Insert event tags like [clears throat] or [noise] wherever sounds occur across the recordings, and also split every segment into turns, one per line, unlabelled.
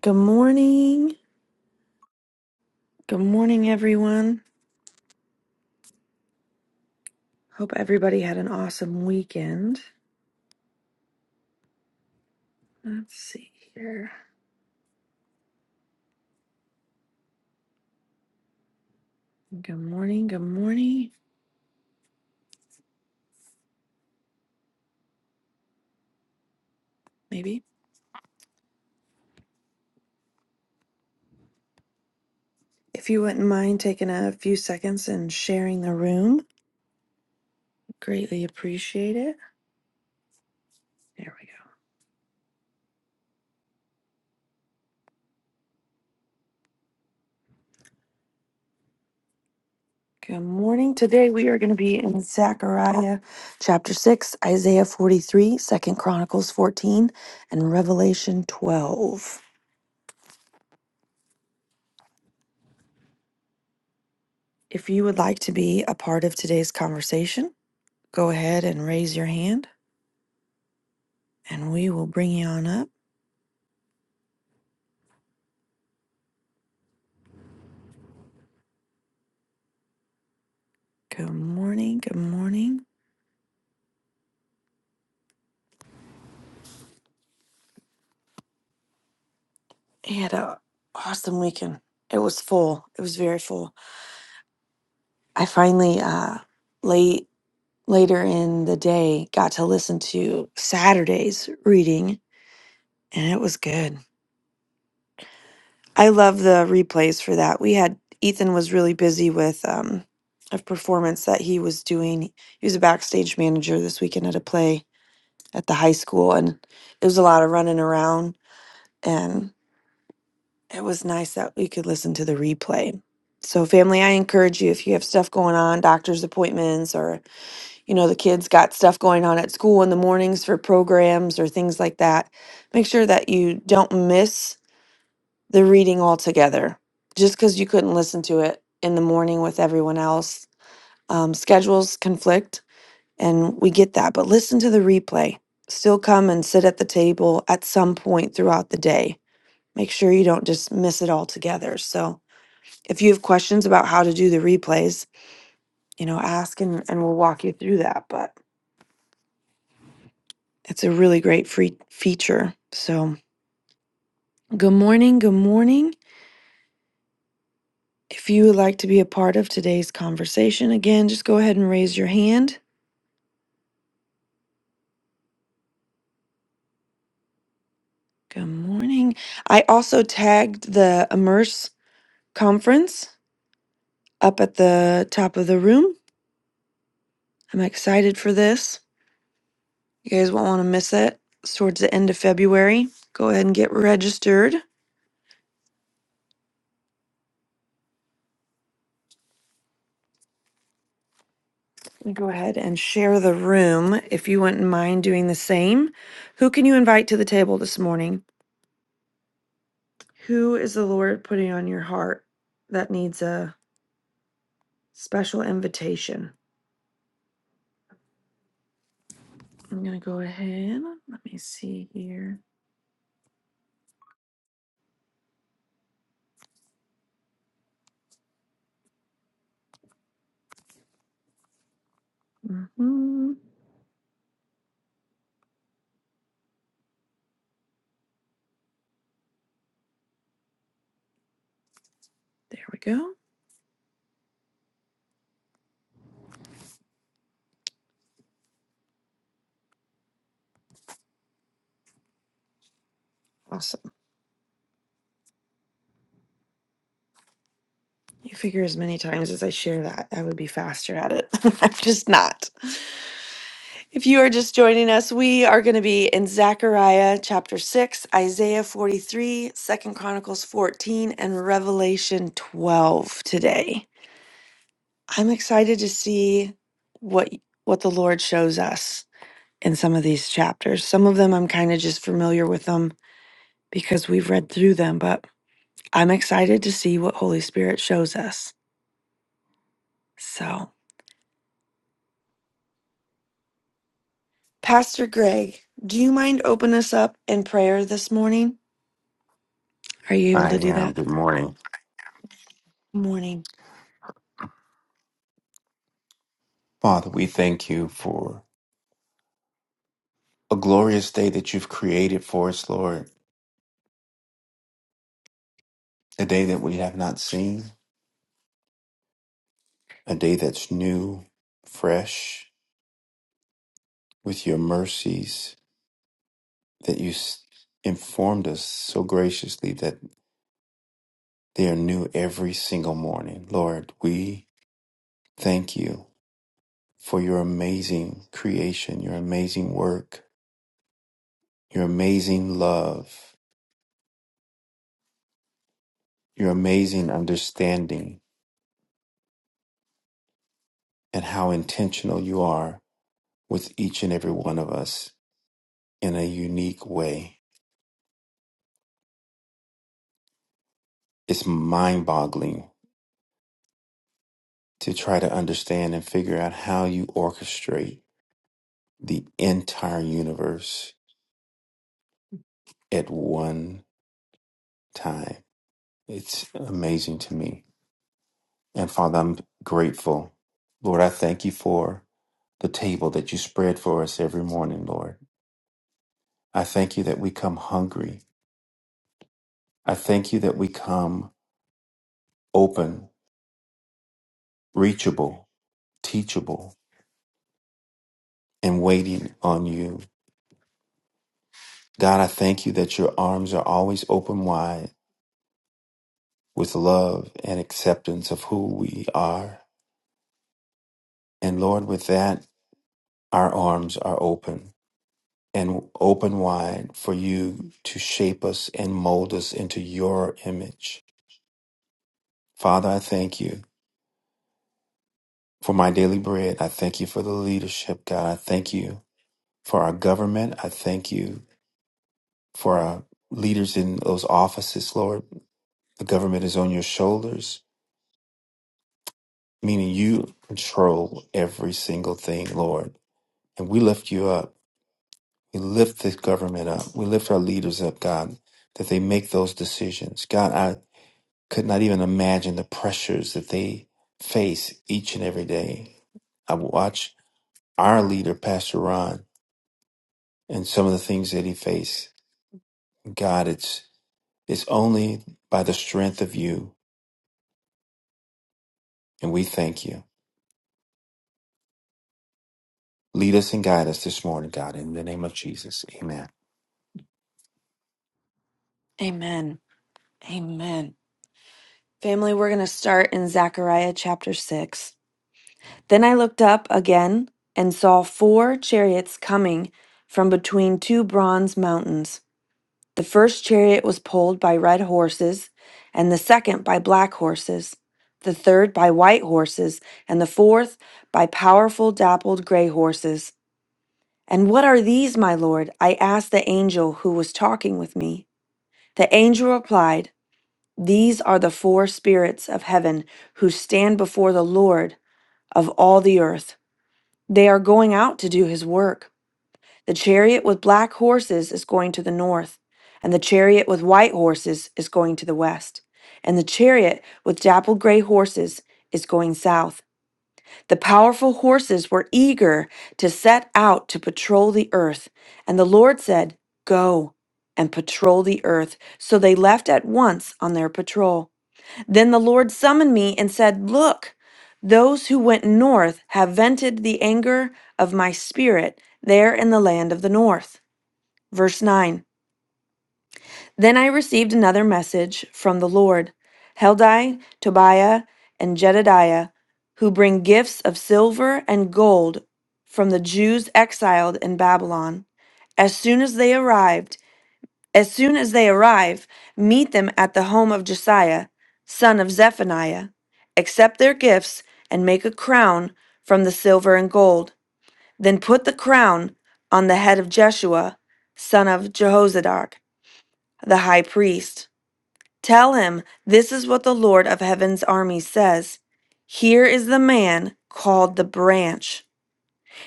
Good morning. Good morning, everyone. Hope everybody had an awesome weekend. Let's see here. Good morning. Good morning. Maybe. If you wouldn't mind taking a few seconds and sharing the room, greatly appreciate it. There we go. Good morning. Today we are going to be in Zechariah chapter 6, Isaiah 43, Second Chronicles 14, and Revelation 12. If you would like to be a part of today's conversation, go ahead and raise your hand and we will bring you on up. Good morning. Good morning. I had a awesome weekend. It was full. It was very full. I finally, uh, late later in the day, got to listen to Saturday's reading, and it was good. I love the replays for that. We had Ethan was really busy with um, a performance that he was doing. He was a backstage manager this weekend at a play at the high school, and it was a lot of running around. and. It was nice that we could listen to the replay. So, family, I encourage you if you have stuff going on, doctor's appointments, or you know, the kids got stuff going on at school in the mornings for programs or things like that, make sure that you don't miss the reading altogether. Just because you couldn't listen to it in the morning with everyone else, um, schedules conflict, and we get that. But listen to the replay. Still come and sit at the table at some point throughout the day. Make sure you don't just miss it altogether. So, if you have questions about how to do the replays, you know, ask and, and we'll walk you through that. But it's a really great free feature. So, good morning. Good morning. If you would like to be a part of today's conversation, again, just go ahead and raise your hand. Good morning. I also tagged the Immerse conference up at the top of the room. I'm excited for this. You guys won't want to miss it. It's towards the end of February. Go ahead and get registered. Go ahead and share the room if you wouldn't mind doing the same. Who can you invite to the table this morning? Who is the Lord putting on your heart that needs a special invitation? I'm going to go ahead. Let me see here. hmm There we go. Awesome. You figure as many times as I share that, I would be faster at it. [laughs] I'm just not. If you are just joining us, we are going to be in Zechariah chapter 6, Isaiah 43, Second Chronicles 14, and Revelation 12 today. I'm excited to see what what the Lord shows us in some of these chapters. Some of them I'm kind of just familiar with them because we've read through them, but I'm excited to see what Holy Spirit shows us. So, Pastor Greg, do you mind open us up in prayer this morning? Are you able
I
to do
am.
that?
Good morning.
morning.
Father, we thank you for a glorious day that you've created for us, Lord. A day that we have not seen, a day that's new, fresh, with your mercies that you s- informed us so graciously that they are new every single morning. Lord, we thank you for your amazing creation, your amazing work, your amazing love, your amazing understanding, and how intentional you are with each and every one of us in a unique way. It's mind boggling to try to understand and figure out how you orchestrate the entire universe at one time. It's amazing to me. And Father, I'm grateful. Lord, I thank you for the table that you spread for us every morning, Lord. I thank you that we come hungry. I thank you that we come open, reachable, teachable, and waiting on you. God, I thank you that your arms are always open wide with love and acceptance of who we are. And Lord, with that, our arms are open and open wide for you to shape us and mold us into your image. Father, I thank you for my daily bread. I thank you for the leadership, God. I thank you for our government. I thank you for our leaders in those offices, Lord. The government is on your shoulders. meaning you control every single thing, Lord. And we lift you up. We lift this government up. We lift our leaders up, God, that they make those decisions. God, I could not even imagine the pressures that they face each and every day. I watch our leader, Pastor Ron, and some of the things that he faced. God, it's it's only by the strength of you, and we thank you. Lead us and guide us this morning, God, in the name of Jesus. Amen.
Amen. Amen. Family, we're going to start in Zechariah chapter 6. Then I looked up again and saw four chariots coming from between two bronze mountains. The first chariot was pulled by red horses, and the second by black horses, the third by white horses, and the fourth by powerful dappled gray horses. And what are these, my lord? I asked the angel who was talking with me. The angel replied, These are the four spirits of heaven who stand before the Lord of all the earth. They are going out to do his work. The chariot with black horses is going to the north, and the chariot with white horses is going to the west, and the chariot with dappled gray horses is going south. The powerful horses were eager to set out to patrol the earth, and the Lord said, Go and patrol the earth. So they left at once on their patrol. Then the Lord summoned me and said, Look, those who went north have vented the anger of my spirit there in the land of the north. Verse 9. Then I received another message from the Lord Heldai, Tobiah, and Jedediah, who bring gifts of silver and gold from the Jews exiled in Babylon. As soon as they arrived, as soon as they arrive, meet them at the home of Josiah, son of Zephaniah. Accept their gifts and make a crown from the silver and gold. Then put the crown on the head of Jeshua, son of Jehozadak, the high priest. Tell him, This is what the Lord of heaven's armies says Here is the man called the branch.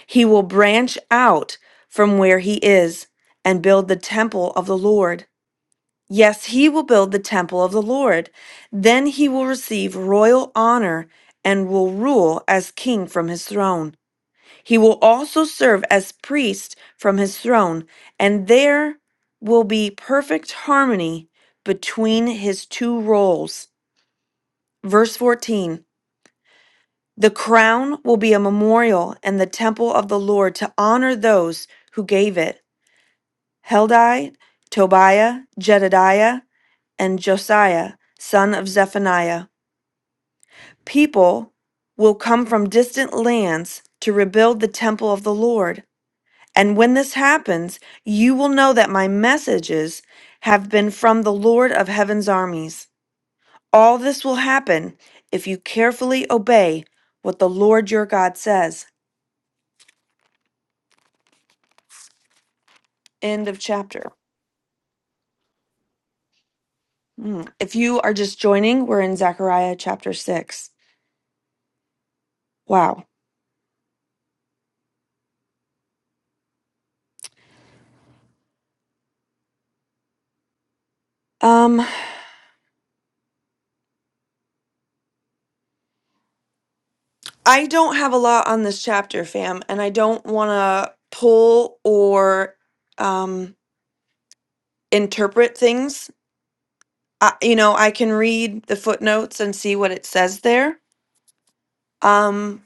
He will branch out from where he is and build the temple of the Lord. Yes, he will build the temple of the Lord. Then he will receive royal honor and will rule as king from his throne. He will also serve as priest from his throne, and there will be perfect harmony between his two roles. Verse 14 The crown will be a memorial in the temple of the Lord to honor those who gave it. Heldai, Tobiah, Jedediah, and Josiah, son of Zephaniah. People will come from distant lands to rebuild the temple of the Lord. And when this happens, you will know that my messages have been from the Lord of heaven's armies. All this will happen if you carefully obey what the Lord your God says. End of chapter. Hmm. If you are just joining, we're in Zechariah chapter 6. Wow. Um. I don't have a lot on this chapter, fam, and I don't want to pull or um, interpret things. I, you know, I can read the footnotes and see what it says there. Um,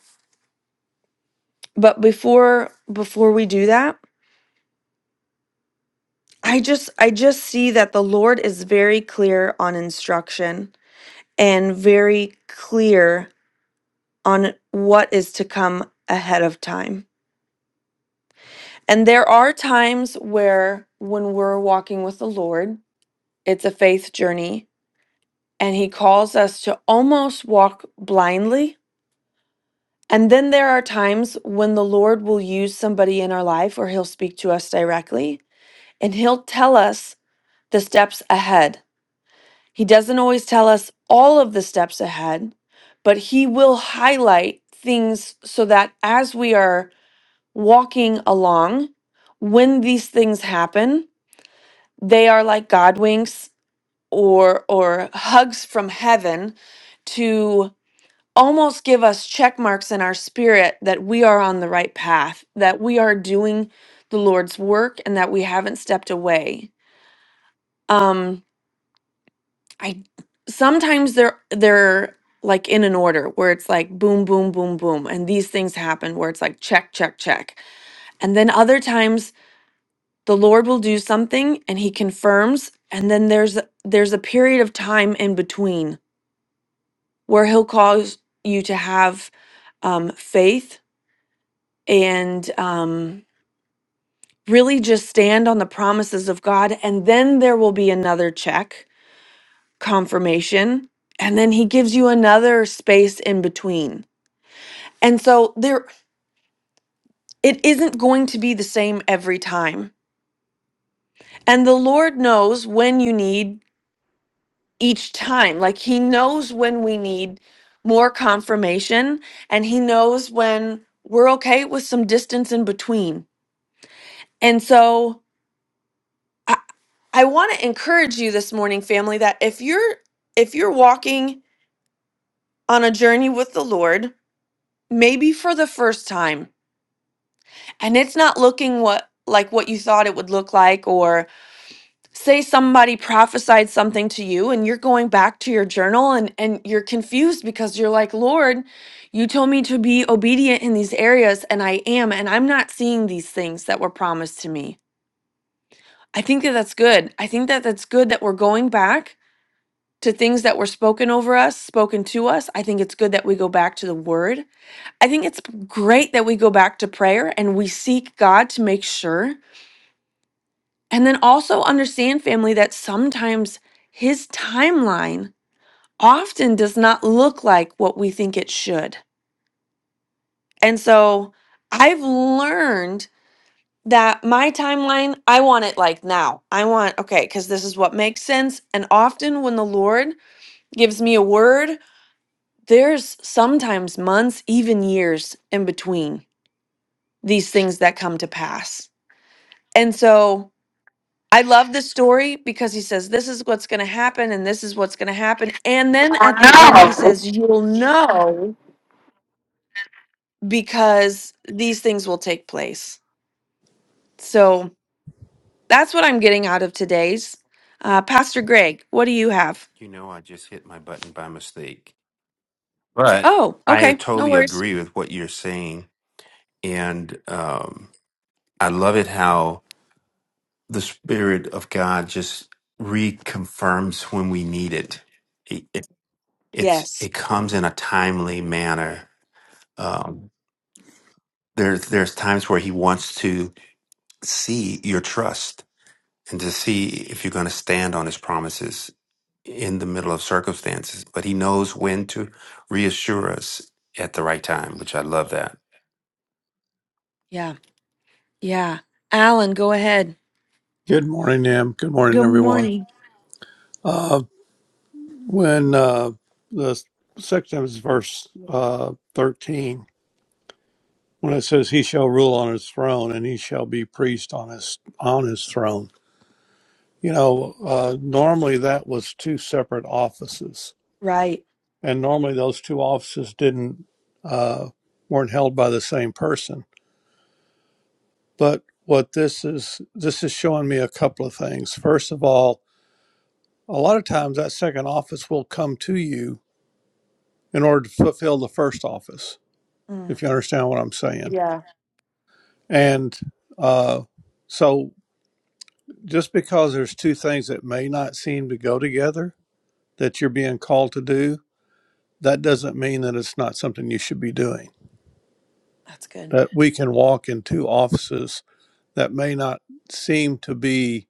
but before before we do that, I just I just see that the Lord is very clear on instruction and very clear on what is to come ahead of time. And there are times where when we're walking with the Lord It's a faith journey, and He calls us to almost walk blindly. And then there are times when the Lord will use somebody in our life or He'll speak to us directly and He'll tell us the steps ahead. He doesn't always tell us all of the steps ahead, but He will highlight things so that as we are walking along, when these things happen, they are like God winks or or hugs from heaven to almost give us check marks in our spirit that we are on the right path that we are doing the lord's work and that we haven't stepped away um i sometimes they're they're like in an order where it's like boom boom boom boom and these things happen where it's like check check check and then other times the lord will do something and he confirms and then there's there's a period of time in between where he'll cause you to have um, faith and um, really just stand on the promises of God. And then there will be another check, confirmation. And then he gives you another space in between. And so there, it isn't going to be the same every time. And the Lord knows when you need each time. Like he knows when we need more confirmation and he knows when we're okay with some distance in between And so I, I want to encourage you this morning, family, that if you're if you're walking on a journey with the Lord, maybe for the first time, and it's not looking what like what you thought it would look like, or say somebody prophesied something to you and you're going back to your journal and, and you're confused because you're like, Lord, you told me to be obedient in these areas, and I am, and I'm not seeing these things that were promised to me. I think that that's good. I think that that's good that we're going back to things that were spoken over us, spoken to us. I think it's good that we go back to the word. I think it's great that we go back to prayer and we seek God to make sure. And then also understand, family, that sometimes his timeline often does not look like what we think it should. And so I've learned that my timeline, I want it like now. I want, okay, because this is what makes sense. And often when the Lord gives me a word there's sometimes months, even years in between these things that come to pass. And so I love this story because he says, This is what's going to happen, and this is what's going to happen. And then at the end, he says, You'll know because these things will take place. So that's what I'm getting out of today's. Uh, Pastor Greg, what do you have?
You know, I just hit my button by mistake. But
Oh,
I
okay. No
totally
worries.
agree with what you're saying. And um, I love it how the Spirit of God just reconfirms when we need it. It, it, it's,
Yes.
it comes in a timely manner. Um, there's, there's times where He wants to see your trust and to see if you're going to stand on His promises in the middle of circumstances, but he knows when to reassure us at the right time, which I love that.
Yeah. Yeah. Alan, go ahead.
Good morning, Em. Good morning,
Good
everyone.
morning.
Uh, when uh, the second time is verse uh, 13, when it says, He shall rule on his throne and he shall be priest on his, on his throne. You know, uh, normally that was two separate offices.
Right.
And normally those two offices didn't, uh, weren't held by the same person. But what this is, this is showing me a couple of things. First of all, a lot of times that second office will come to you in order to fulfill the first office,
Mm.
if you understand what I'm saying.
Yeah,
And uh, so, just because there's two things that may not seem to go together that you're being called to do, that doesn't mean that it's not something you should be doing.
that's good.
That we can walk in two offices that may not seem to be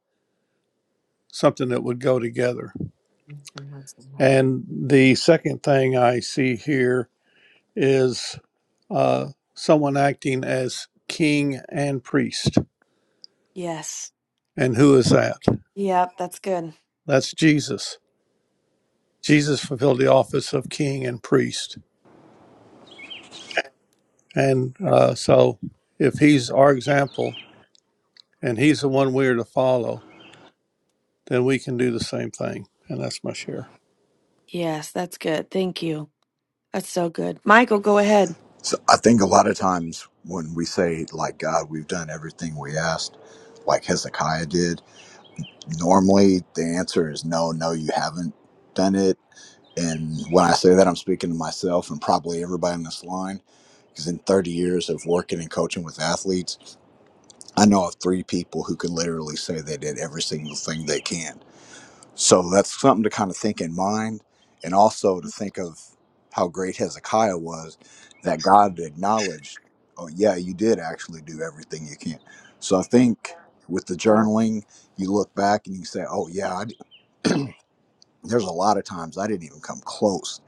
something that would go together. And the second thing I see here is uh, someone acting as king and priest.
Yes.
And who is that?
Yep, that's good.
That's Jesus. Jesus fulfilled the office of king and priest. And uh, so, if he's our example and he's the one we are to follow, then we can do the same thing. And that's my share.
Yes, that's good. Thank you. That's so good. Michael, go ahead.
So I think a lot of times when we say, like, God, we've done everything we asked, like Hezekiah did, normally the answer is no, no, you haven't done it. And when I say that, I'm speaking to myself and probably everybody in this line, because in 30 years of working and coaching with athletes, I know of three people who can literally say they did every single thing they can. So that's something to kind of think in mind, and also to think of how great Hezekiah was that God acknowledged, oh, yeah, you did actually do everything you can. So I think with the
Yeah.
journaling, you look back and you say, oh, yeah, I d there's a lot of times I didn't even come close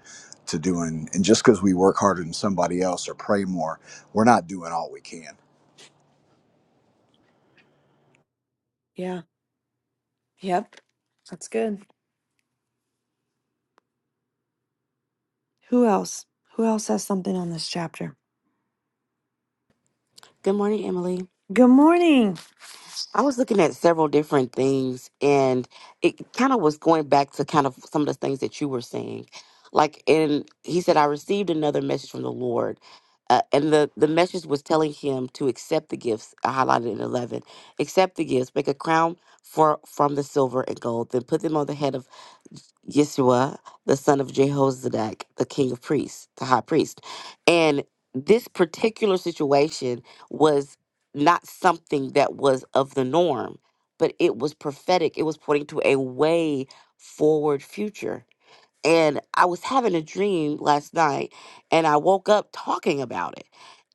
to doing, and just because we work harder than somebody else or pray more, we're not doing all we can.
Yeah. Yep. That's good. Who else? Who else has something on this chapter?
Good morning, Emily.
Good morning.
I was looking at several different things and it kind of was going back to kind of some of the things that you were saying. Like, and he said, I received another message from the Lord. Uh, and the, the message was telling him to accept the gifts I highlighted in 11. Accept the gifts, make a crown for from the silver and gold, then put them on the head of Yeshua, the son of Jehozadak, the king of priests, the high priest. And this particular situation was not something that was of the norm, but it was prophetic. It was pointing to a way forward future. And I was having a dream last night and I woke up talking about it.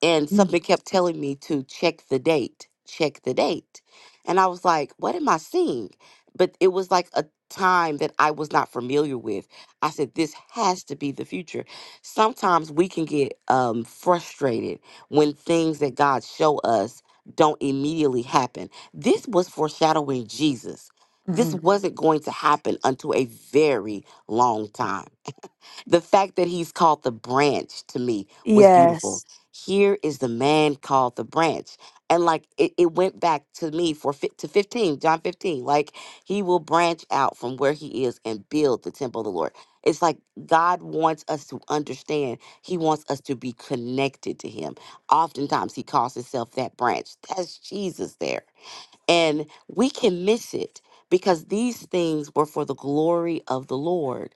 And something kept telling me to check the date, check the date. And I was like, what am I seeing? But it was like a time that I was not familiar with. I said, this has to be the future. Sometimes we can get um, frustrated when things that God show us don't immediately happen. This was foreshadowing Jesus. This
Mm-hmm.
wasn't going to happen until a very long time. The fact that he's called the branch to me was beautiful.
Yes.
Here is the man called the branch. And like it, it went back to me for fi- to 15, John 15. Like he will branch out from where he is and build the temple of the Lord. It's like God wants us to understand. He wants us to be connected to him. Oftentimes he calls himself that branch. That's Jesus there. And we can miss it because these things were for the glory of the Lord.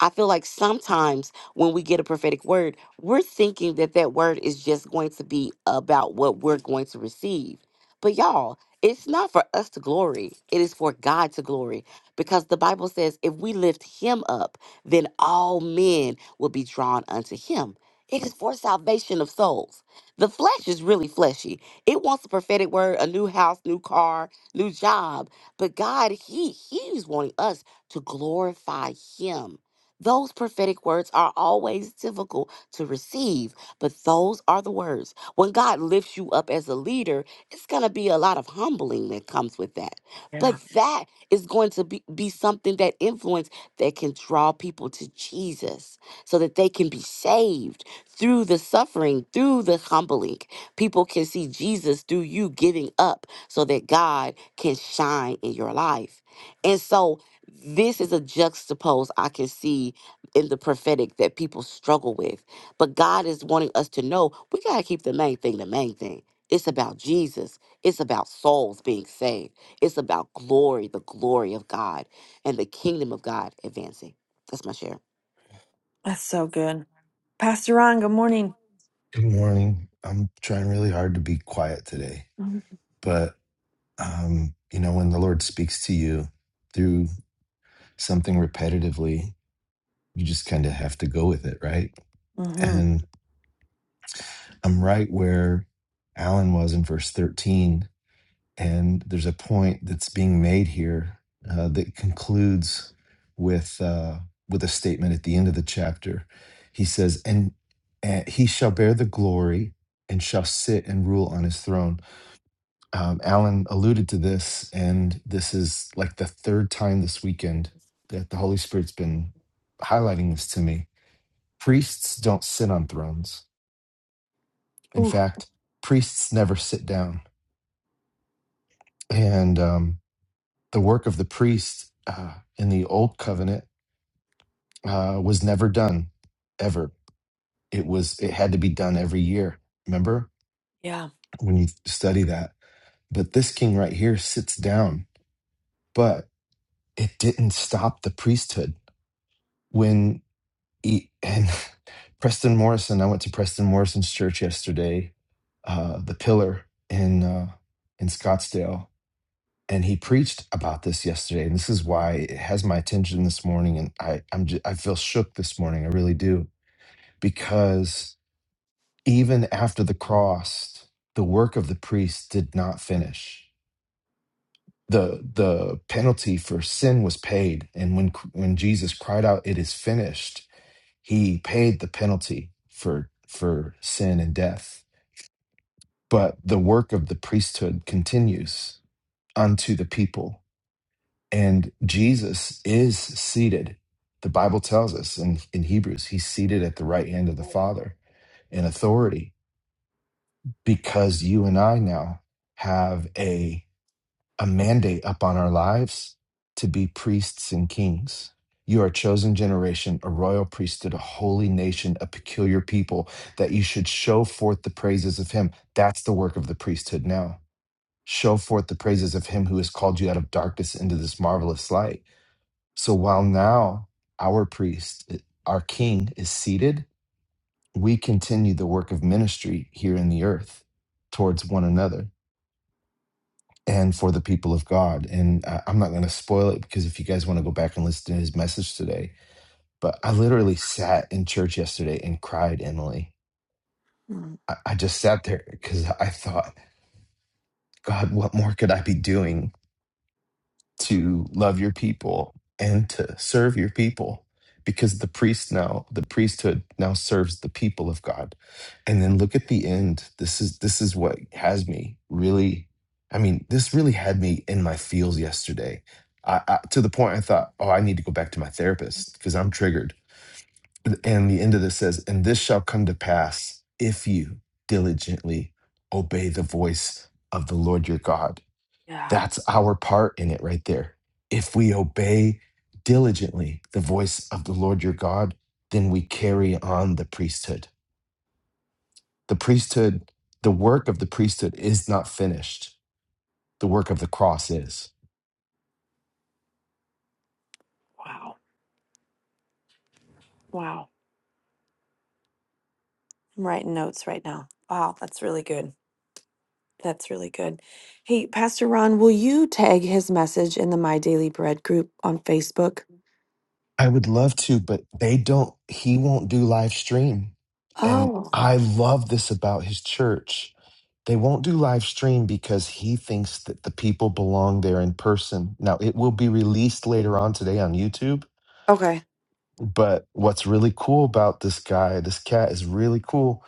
I feel like sometimes when we get a prophetic word, we're thinking that that word is just going to be about what we're going to receive. But y'all, it's not for us to glory, it is for God to glory because the Bible says if we lift him up, then all men will be drawn unto him. It is for salvation of souls. The flesh is really fleshy it wants a prophetic word, a new house, new car, new job. But God, He He's wanting us to glorify Him. Those prophetic words are always difficult to receive, but those are the words. When God lifts you up as a leader, it's going to be a lot of humbling that comes with that. But
Yeah.
that is going to be, be something that influence that can draw people to Jesus so that they can be saved through the suffering, through the humbling. People can see Jesus through you giving up so that God can shine in your life. And so this is a juxtapose I can see in the prophetic that people struggle with. But God is wanting us to know we got to keep the main thing the main thing. It's about Jesus. It's about souls being saved. It's about glory, the glory of God, and the kingdom of God advancing. That's my share.
That's so good. Pastor Ron, good morning.
Good morning. I'm trying really hard to be quiet today, but um, you know, when the Lord speaks to you through something repetitively, you just kind of have to go with it, right?
Mm-hmm.
And I'm right where Alan was in verse 13, and there's a point that's being made here uh, that concludes with uh, with a statement at the end of the chapter. He says, "And uh, he shall bear the glory and shall sit and rule on his throne." um, Alan alluded to this, and this is like the third time this weekend that the Holy Spirit's been highlighting this to me. Priests don't sit on thrones. In
Ooh.
fact, priests never sit down. And um, the work of the priest uh, in the Old Covenant uh, was never done, ever. It was it had to be done every year. Remember
Yeah.
when you study that. But this king right here sits down, but it didn't stop the priesthood when E- and [laughs] Preston Morrison. I went to Preston Morrison's church yesterday, uh, the Pillar in uh, in Scottsdale, and he preached about this yesterday. And this is why it has my attention this morning. And I I'm just, I feel shook this morning. I really do because even after the cross, the work of the priest did not finish. the The penalty for sin was paid, and when when Jesus cried out, "It is finished," He paid the penalty for for sin and death. But the work of the priesthood continues unto the people. And Jesus is seated. The Bible tells us in, in Hebrews, he's seated at the right hand of the Father in authority because you and I now have a a mandate upon our lives to be priests and kings. You are a chosen generation, a royal priesthood, a holy nation, a peculiar people, that you should show forth the praises of him. That's the work of the priesthood now. Show forth the praises of him who has called you out of darkness into this marvelous light. So while now our priest, our king, is seated, we continue the work of ministry here in the earth towards one another and for the people of God. And I, I'm not going to spoil it because if you guys want to go back and listen to his message today, but I literally sat in church yesterday and cried, Emily.
Mhm.
I, I just sat there because I thought, God, what more could I be doing? to love your people and to serve your people because the priest now the priesthood now serves the people of god and then look at the end this is this is what has me really i mean this really had me in my feels yesterday i, I to the point i thought oh i need to go back to my therapist because i'm triggered and the end of this says and this shall come to pass if you diligently obey the voice of the lord your god
Yeah.
that's our part in it right there. If we obey diligently the voice of the Lord your God, then we carry on the priesthood. The priesthood, the work of the priesthood is not finished. The work of the cross is.
Wow. Wow. I'm writing notes right now. Wow. That's really good. That's really good. Hey, Pastor Ron, will you tag his message in the My Daily Bread group on Facebook?
I would love to, but they don't, he won't do live stream. And
Oh,
I love this about his church. They won't do live stream because he thinks that the people belong there in person. Now, it will be released later on today on YouTube,
okay.
but what's really cool about this guy, this cat is really cool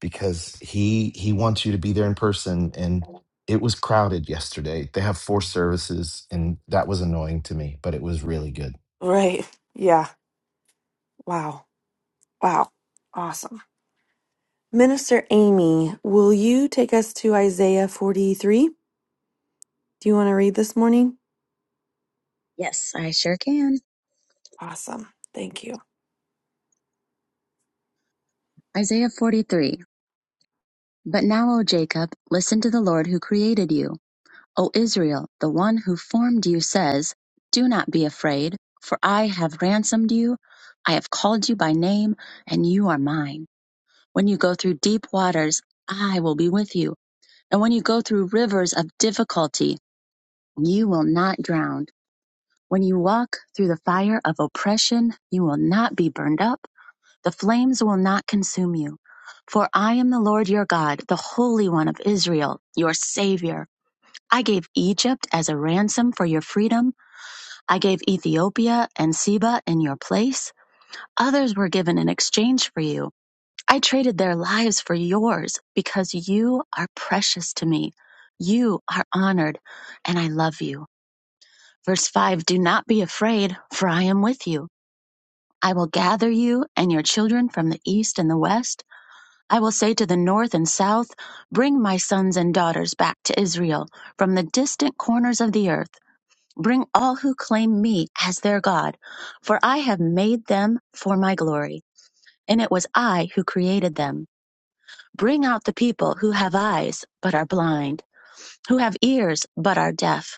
because he he wants you to be there in person and it was crowded yesterday. They have four services and that was annoying to me, but it was really good.
Right. Yeah. Wow. Wow. Awesome. Minister Amy, will you take us to Isaiah 43? Do you want to read this morning?
Yes, I sure can.
Awesome. Thank you.
Isaiah 43. But now, O Jacob, listen to the Lord who created you. O Israel, the one who formed you says, Do not be afraid, for I have ransomed you. I have called you by name, and you are mine. When you go through deep waters, I will be with you. And when you go through rivers of difficulty, you will not drown. When you walk through the fire of oppression, you will not be burned up. The flames will not consume you. For I am the Lord your God, the Holy One of Israel, your Savior. I gave Egypt as a ransom for your freedom. I gave Ethiopia and Seba in your place. Others were given in exchange for you. I traded their lives for yours because you are precious to me. You are honored, and I love you. Verse 5 Do not be afraid, for I am with you. I will gather you and your children from the east and the west. I will say to the north and south, Bring my sons and daughters back to Israel from the distant corners of the earth. Bring all who claim me as their God, for I have made them for my glory, and it was I who created them. Bring out the people who have eyes but are blind, who have ears but are deaf.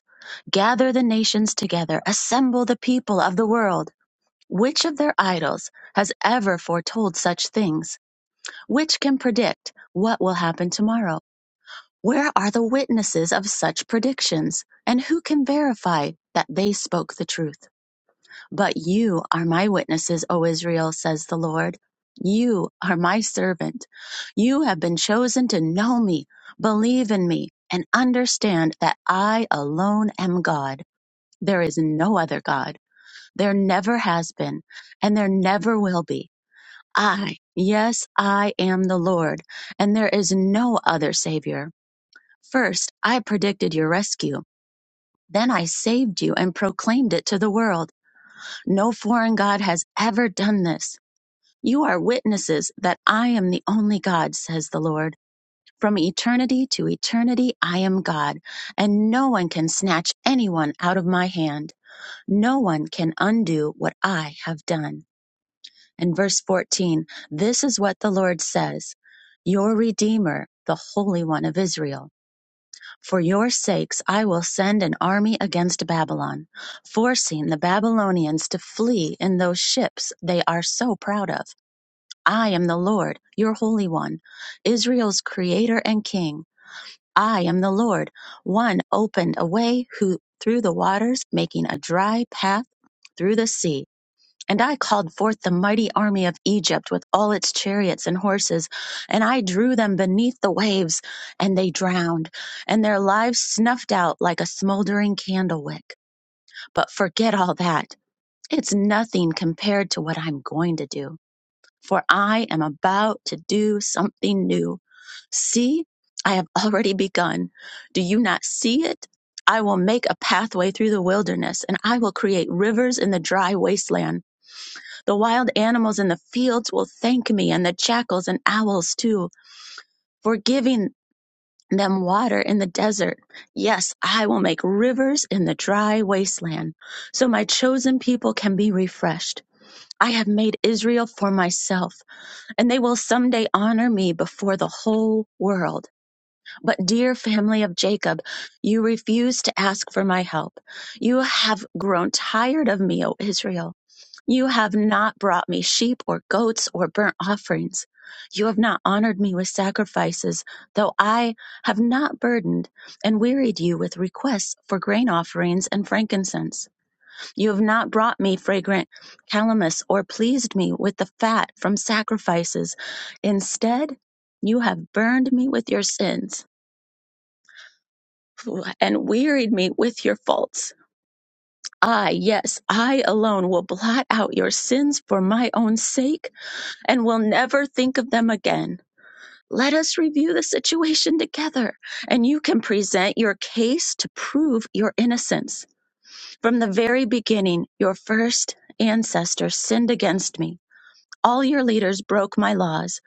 Gather the nations together, assemble the people of the world. Which of their idols has ever foretold such things? Which can predict what will happen tomorrow? Where are the witnesses of such predictions? And who can verify that they spoke the truth? But you are my witnesses, O Israel, says the Lord. You are my servant. You have been chosen to know me, believe in me, and understand that I alone am God. There is no other God. There never has been, and there never will be. I, yes, I am the Lord, and there is no other Savior. First, I predicted your rescue. Then I saved you and proclaimed it to the world. No foreign God has ever done this. You are witnesses that I am the only God, says the Lord. From eternity to eternity, I am God, and no one can snatch anyone out of my hand. No one can undo what I have done. And verse 14, this is what the Lord says Your Redeemer, the Holy One of Israel. For your sakes I will send an army against Babylon, forcing the Babylonians to flee in those ships they are so proud of. I am the Lord, your Holy One, Israel's Creator and King. I am the Lord, one opened a way who, through the waters, making a dry path through the sea. And I called forth the mighty army of Egypt with all its chariots and horses, and I drew them beneath the waves, and they drowned, and their lives snuffed out like a smoldering candle wick. But forget all that. It's nothing compared to what I'm going to do, for I am about to do something new. See, I have already begun. Do you not see it? I will make a pathway through the wilderness, and I will create rivers in the dry wasteland. The wild animals in the fields will thank me, and the jackals and owls too, for giving them water in the desert. Yes, I will make rivers in the dry wasteland, so my chosen people can be refreshed. I have made Israel for myself, and they will someday honor me before the whole world. But, dear family of Jacob, you refuse to ask for my help. You have grown tired of me, O Israel. You have not brought me sheep or goats or burnt offerings. You have not honored me with sacrifices, though I have not burdened and wearied you with requests for grain offerings and frankincense. You have not brought me fragrant calamus or pleased me with the fat from sacrifices. Instead, you have burned me with your sins and wearied me with your faults. I, yes, I alone will blot out your sins for my own sake and we'll never think of them again. Let us review the situation together, and you can present your case to prove your innocence. From the very beginning, your first ancestors sinned against me. All your leaders broke my laws,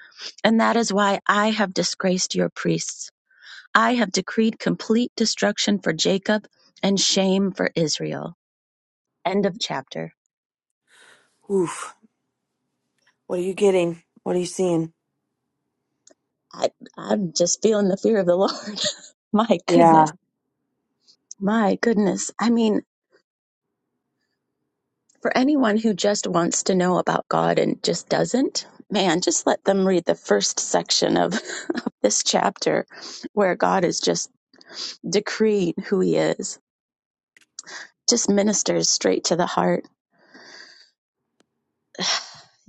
and that is why I have disgraced your priests. I have decreed complete destruction for Jacob and shame for Israel. End of chapter.
Oof. What are you getting? What are you seeing?
I, I'm just feeling the fear of the Lord. [laughs] my goodness.
Yeah.
My goodness. I mean, For anyone who just wants to know about God and just doesn't, man, just let them read the first section of, [laughs] of this chapter where God is just decreeing who he is. Just ministers straight to the heart.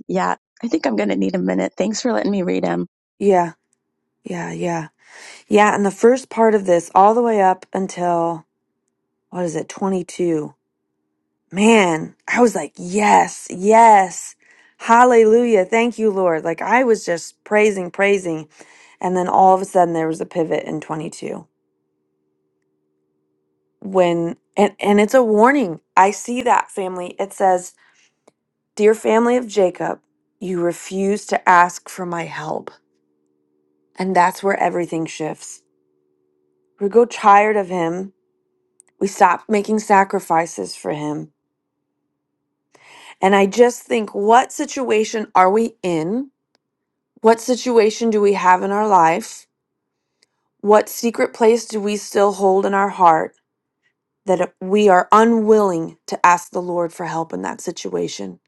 Yeah, I think I'm going to need a minute. Thanks for letting me read him.
Yeah. Yeah. Yeah. Yeah. And the first part of this, all the way up until, what is it, 22? man, I was like, yes, yes, hallelujah, thank you, Lord. Like I was just praising, praising, and then all of a sudden there was a pivot in 22 when and and it's a warning. I see that family. It says, "Dear family of Jacob, you refuse to ask for my help." And that's where everything shifts. We go tired of him. We stop making sacrifices for him. And I just think, what situation are we in What situation do we have in our life? What secret place do we still hold in our heart that we are unwilling to ask the Lord for help in that situation?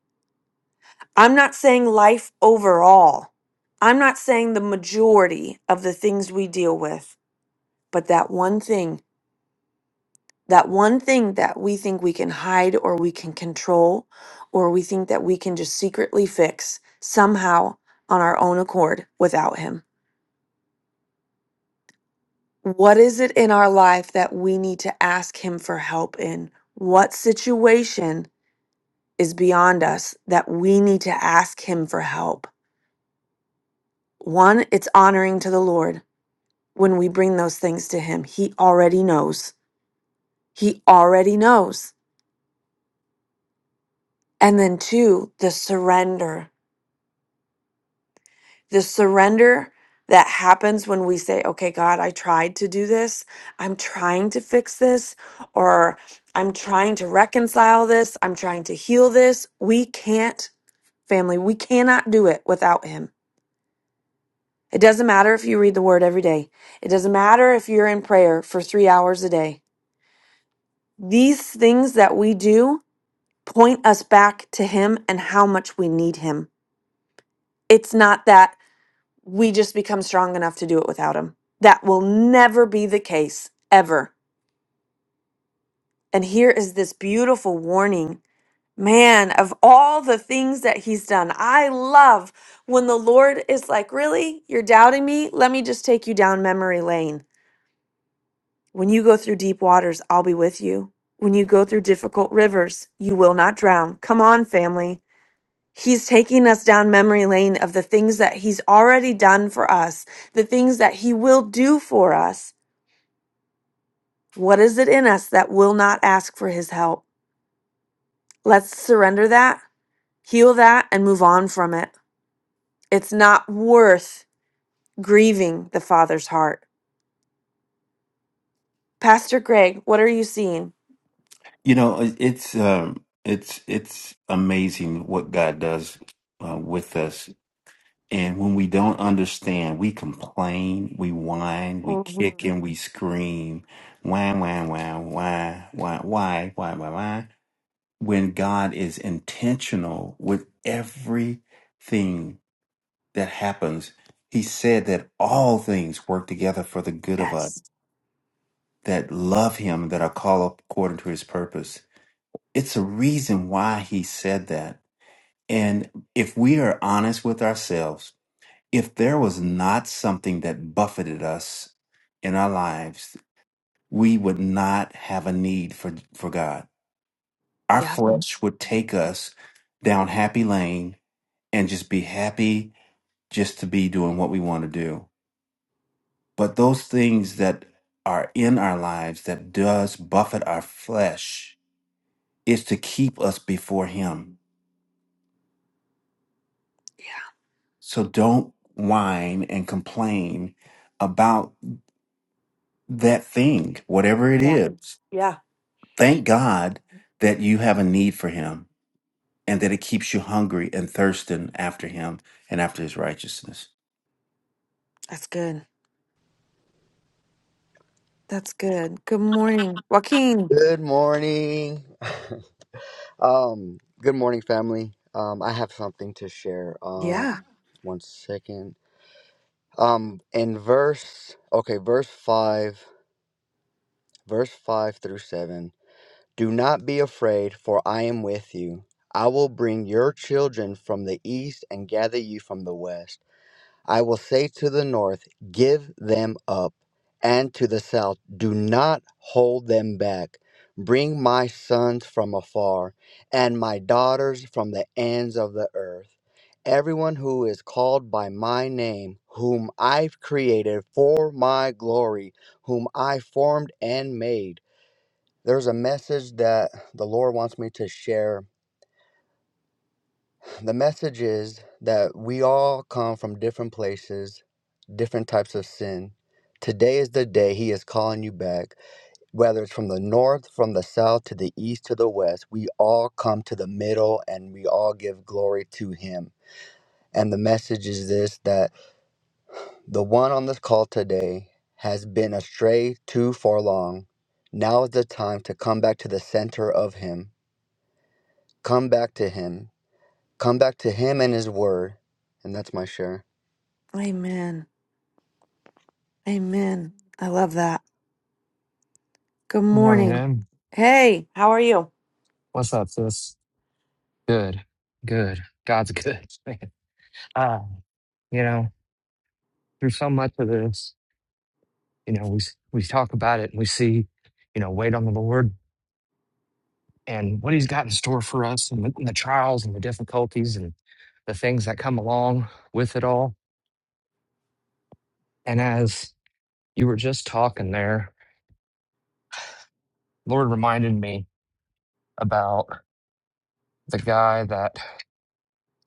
I'm not saying life overall. I'm not saying the majority of the things we deal with, but that one thing, that one thing that we think we can hide or we can control or we think that we can just secretly fix somehow on our own accord without Him. What is it in our life that we need to ask Him for help in? What situation is beyond us that we need to ask Him for help? One, it's honoring to the Lord when we bring those things to Him. He already knows. He already knows. And then two, the surrender the surrender that happens when we say, okay, God, I tried to do this. I'm trying to fix this, or I'm trying to reconcile this. I'm trying to heal this. We can't, family, we cannot do it without Him. It doesn't matter if you read the word every day, it doesn't matter if you're in prayer for three hours a day. These things that we do point us back to Him and how much we need Him. It's not that we just become strong enough to do it without him. That will never be the case, ever. And here is this beautiful warning. Man, of all the things that he's done, I love when the Lord is like, Really? You're doubting me? Let me just take you down memory lane. When you go through deep waters, I'll be with you. When you go through difficult rivers, you will not drown. Come on, family. He's taking us down memory lane of the things that he's already done for us, the things that he will do for us What is it in us that will not ask for his help? Let's surrender that, heal that, and move on from it. It's not worth grieving the Father's heart. Pastor Greg, what are you seeing?
You know, it- it's um, it's it's amazing what God does uh, with us And when we don't understand, we complain, we whine, we kick
Mhm.
and we scream. Whine, whine, whine, whine, whine, why, why, why, why. When God is intentional with everything that happens, He said that all things work together for the good of us
Yes.
that love Him, that are called according to His purpose. It's a reason why He said that. And if we are honest with ourselves, if there was not something that buffeted us in our lives, we would not have a need for, for God. Our
Yeah.
flesh would take us down happy lane and just be happy just to be doing what we want to do. But those things that are in our lives that does buffet our flesh is to keep us before him.
Yeah.
So don't whine and complain about that thing, whatever it
Yeah.
is
Yeah.
Thank God that you have a need for him and that it keeps you hungry and thirsting after him and after his righteousness.
That's good. That's good. Good morning, Joaquin.
Good morning. [laughs] Um, good morning, family. Um, I have something to share. Um,
Yeah.
one second. Um, in verse, okay, verse five, verse five through seven. Do not be afraid, for I am with you. I will bring your children from the east and gather you from the west. I will say to the north, Give them up, and to the south, Do not hold them back. Bring my sons from afar, and my daughters from the ends of the earth. Everyone who is called by my name, whom I've created for my glory, whom I formed and made. There's a message that the Lord wants me to share. The message is that we all come from different places different types of sin. Today is the day He is calling you back. Whether it's from the north, from the south, to the east, to the west, we all come to the middle and we all give glory to Him. And the message is this that the one on this call today has been astray too far long. Now is the time to come back to the center of Him. Come back to Him. Come back to Him and His Word. And that's my share.
Amen. Amen. I love that. Good
Good morning,
morning.
man.
Hey, how are you?
What's up, sis? Good, good. God's good. [laughs] man. Uh, you know, through so much of this, you know, we s- we talk about it and we see, you know, wait on the Lord and what He's got in store for us, and the, and the trials and the difficulties and the things that come along with it all. And as you were just talking there, Lord reminded me about the guy that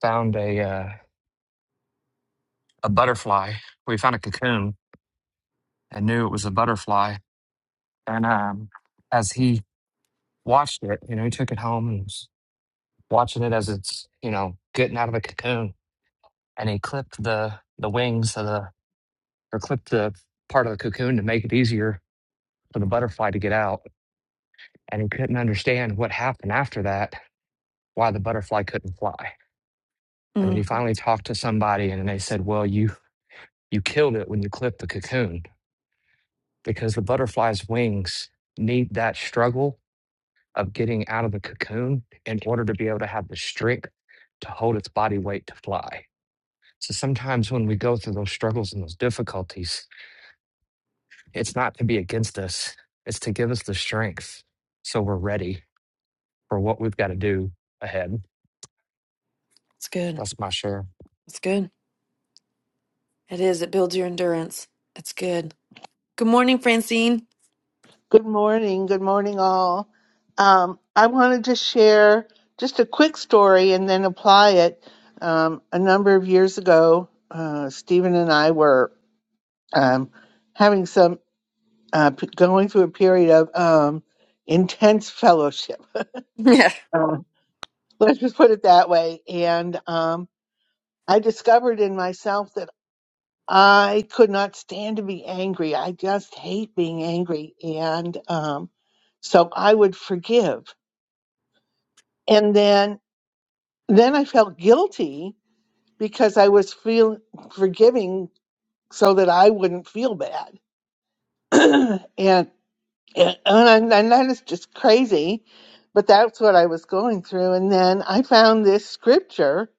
found a uh, a butterfly. We found a cocoon and knew it was a butterfly And um, as he watched it, you know, he took it home and was watching it as it's, you know, getting out of the cocoon. And he clipped the the wings of the or clipped the part of the cocoon to make it easier for the butterfly to get out. And he couldn't understand what happened after that, why the butterfly couldn't fly. And then he
Mm,
finally talked to somebody and they said, Well, you you killed it when you clipped the cocoon because the butterfly's wings need that struggle of getting out of the cocoon in order to be able to have the strength to hold its body weight to fly. So sometimes when we go through those struggles and those difficulties, it's not to be against us, it's to give us the strength so we're ready for what we've got to do ahead.
it's good.
That's my share.
It's good. It is. It builds your endurance. It's good. Good morning, Francine.
Good morning. Good morning, all. Um, I wanted to share just a quick story and then apply it. Um, a number of years ago, uh, Stephen and I were um, having some, uh, p- going through a period of um, intense fellowship. [laughs]
[laughs] Yeah.
Um, let's just put it that way. And um, I discovered in myself that I could not stand to be angry. I just hate being angry. And um, so I would forgive and then then i felt guilty because i was feel forgiving so that i wouldn't feel bad [clears throat] and and, and I- and that is just crazy but that's what i was going through and then i found this scripture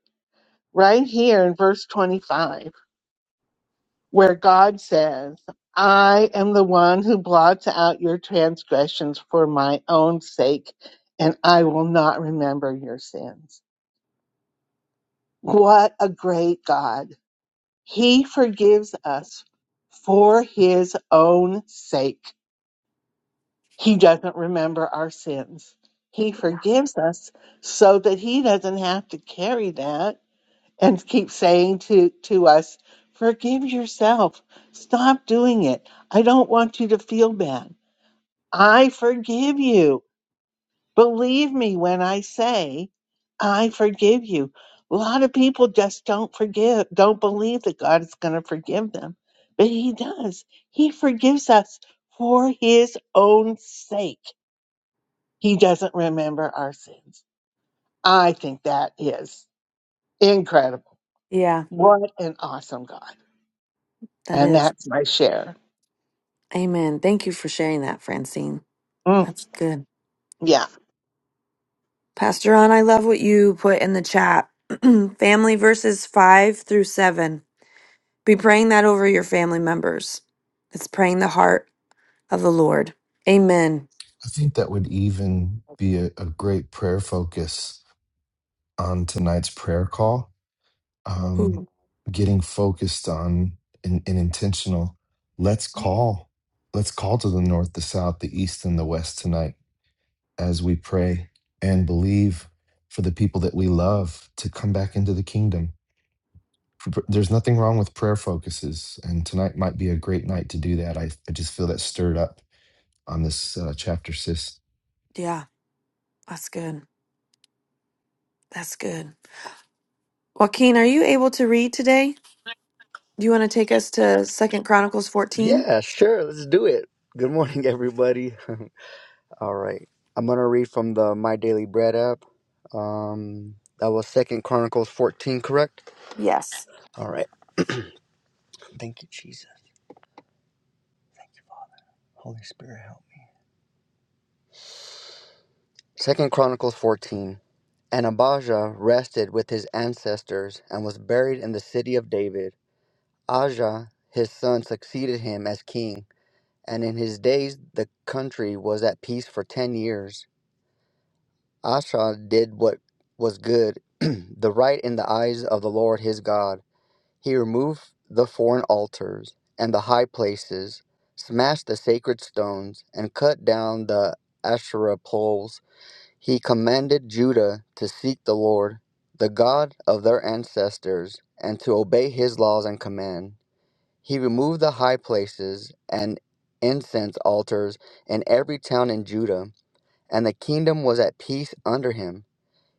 right here in verse 25 where god says i am the one who blots out your transgressions for my own sake and i will not remember your sins what a great god He forgives us for his own sake. He doesn't remember our sins. He forgives us so that he doesn't have to carry that and keep saying to, to us, Forgive yourself. Stop doing it. I don't want you to feel bad. I forgive you. Believe me when I say, I forgive you. A lot of people just don't forgive, don't believe that God is going to forgive them, but He does. He forgives us for His own sake. He doesn't remember our sins. I think that is incredible.
Yeah,
What an awesome God.
that
And
is.
that's my share.
Amen. Thank you for sharing that, Francine.
Mm,
That's good.
yeah.
Pastor Ron, I love what you put in the chat. [clears throat] family verses five through seven. Be praying that over your family members. It's praying the heart of the Lord. Amen.
I think that would even be a, a great prayer focus on tonight's prayer call. um,
Ooh,
getting focused on and, and intentional. Let's call. Let's call to the north, the south, the east, and the west tonight as we pray and believe for the people that we love to come back into the kingdom. Pr- There's nothing wrong with prayer focuses, and tonight might be a great night to do that. I, I just feel that stirred up on this uh, chapter, sis.
yeah, that's good. That's good. Joaquin, are you able to read today? Do you want to take us to Second Chronicles 14?
Yeah, sure. Let's do it. Good morning, everybody. [laughs] All right. I'm going to read from the My Daily Bread app. Um, that was Second Chronicles 14, correct?
Yes.
All right. Thank you, Jesus. Holy Spirit, help me. Second Chronicles 14. And Abijah rested with his ancestors and was buried in the city of David. Ajah, his son, succeeded him as king, and in his days the country was at peace for ten years. Asha did what was good, [clears throat] the right in the eyes of the Lord his God. He removed the foreign altars and the high places, smashed the sacred stones, and cut down the Asherah poles. He commanded Judah to seek the Lord, the God of their ancestors, and to obey his laws and command. He removed the high places and incense altars in every town in Judah, and the kingdom was at peace under him.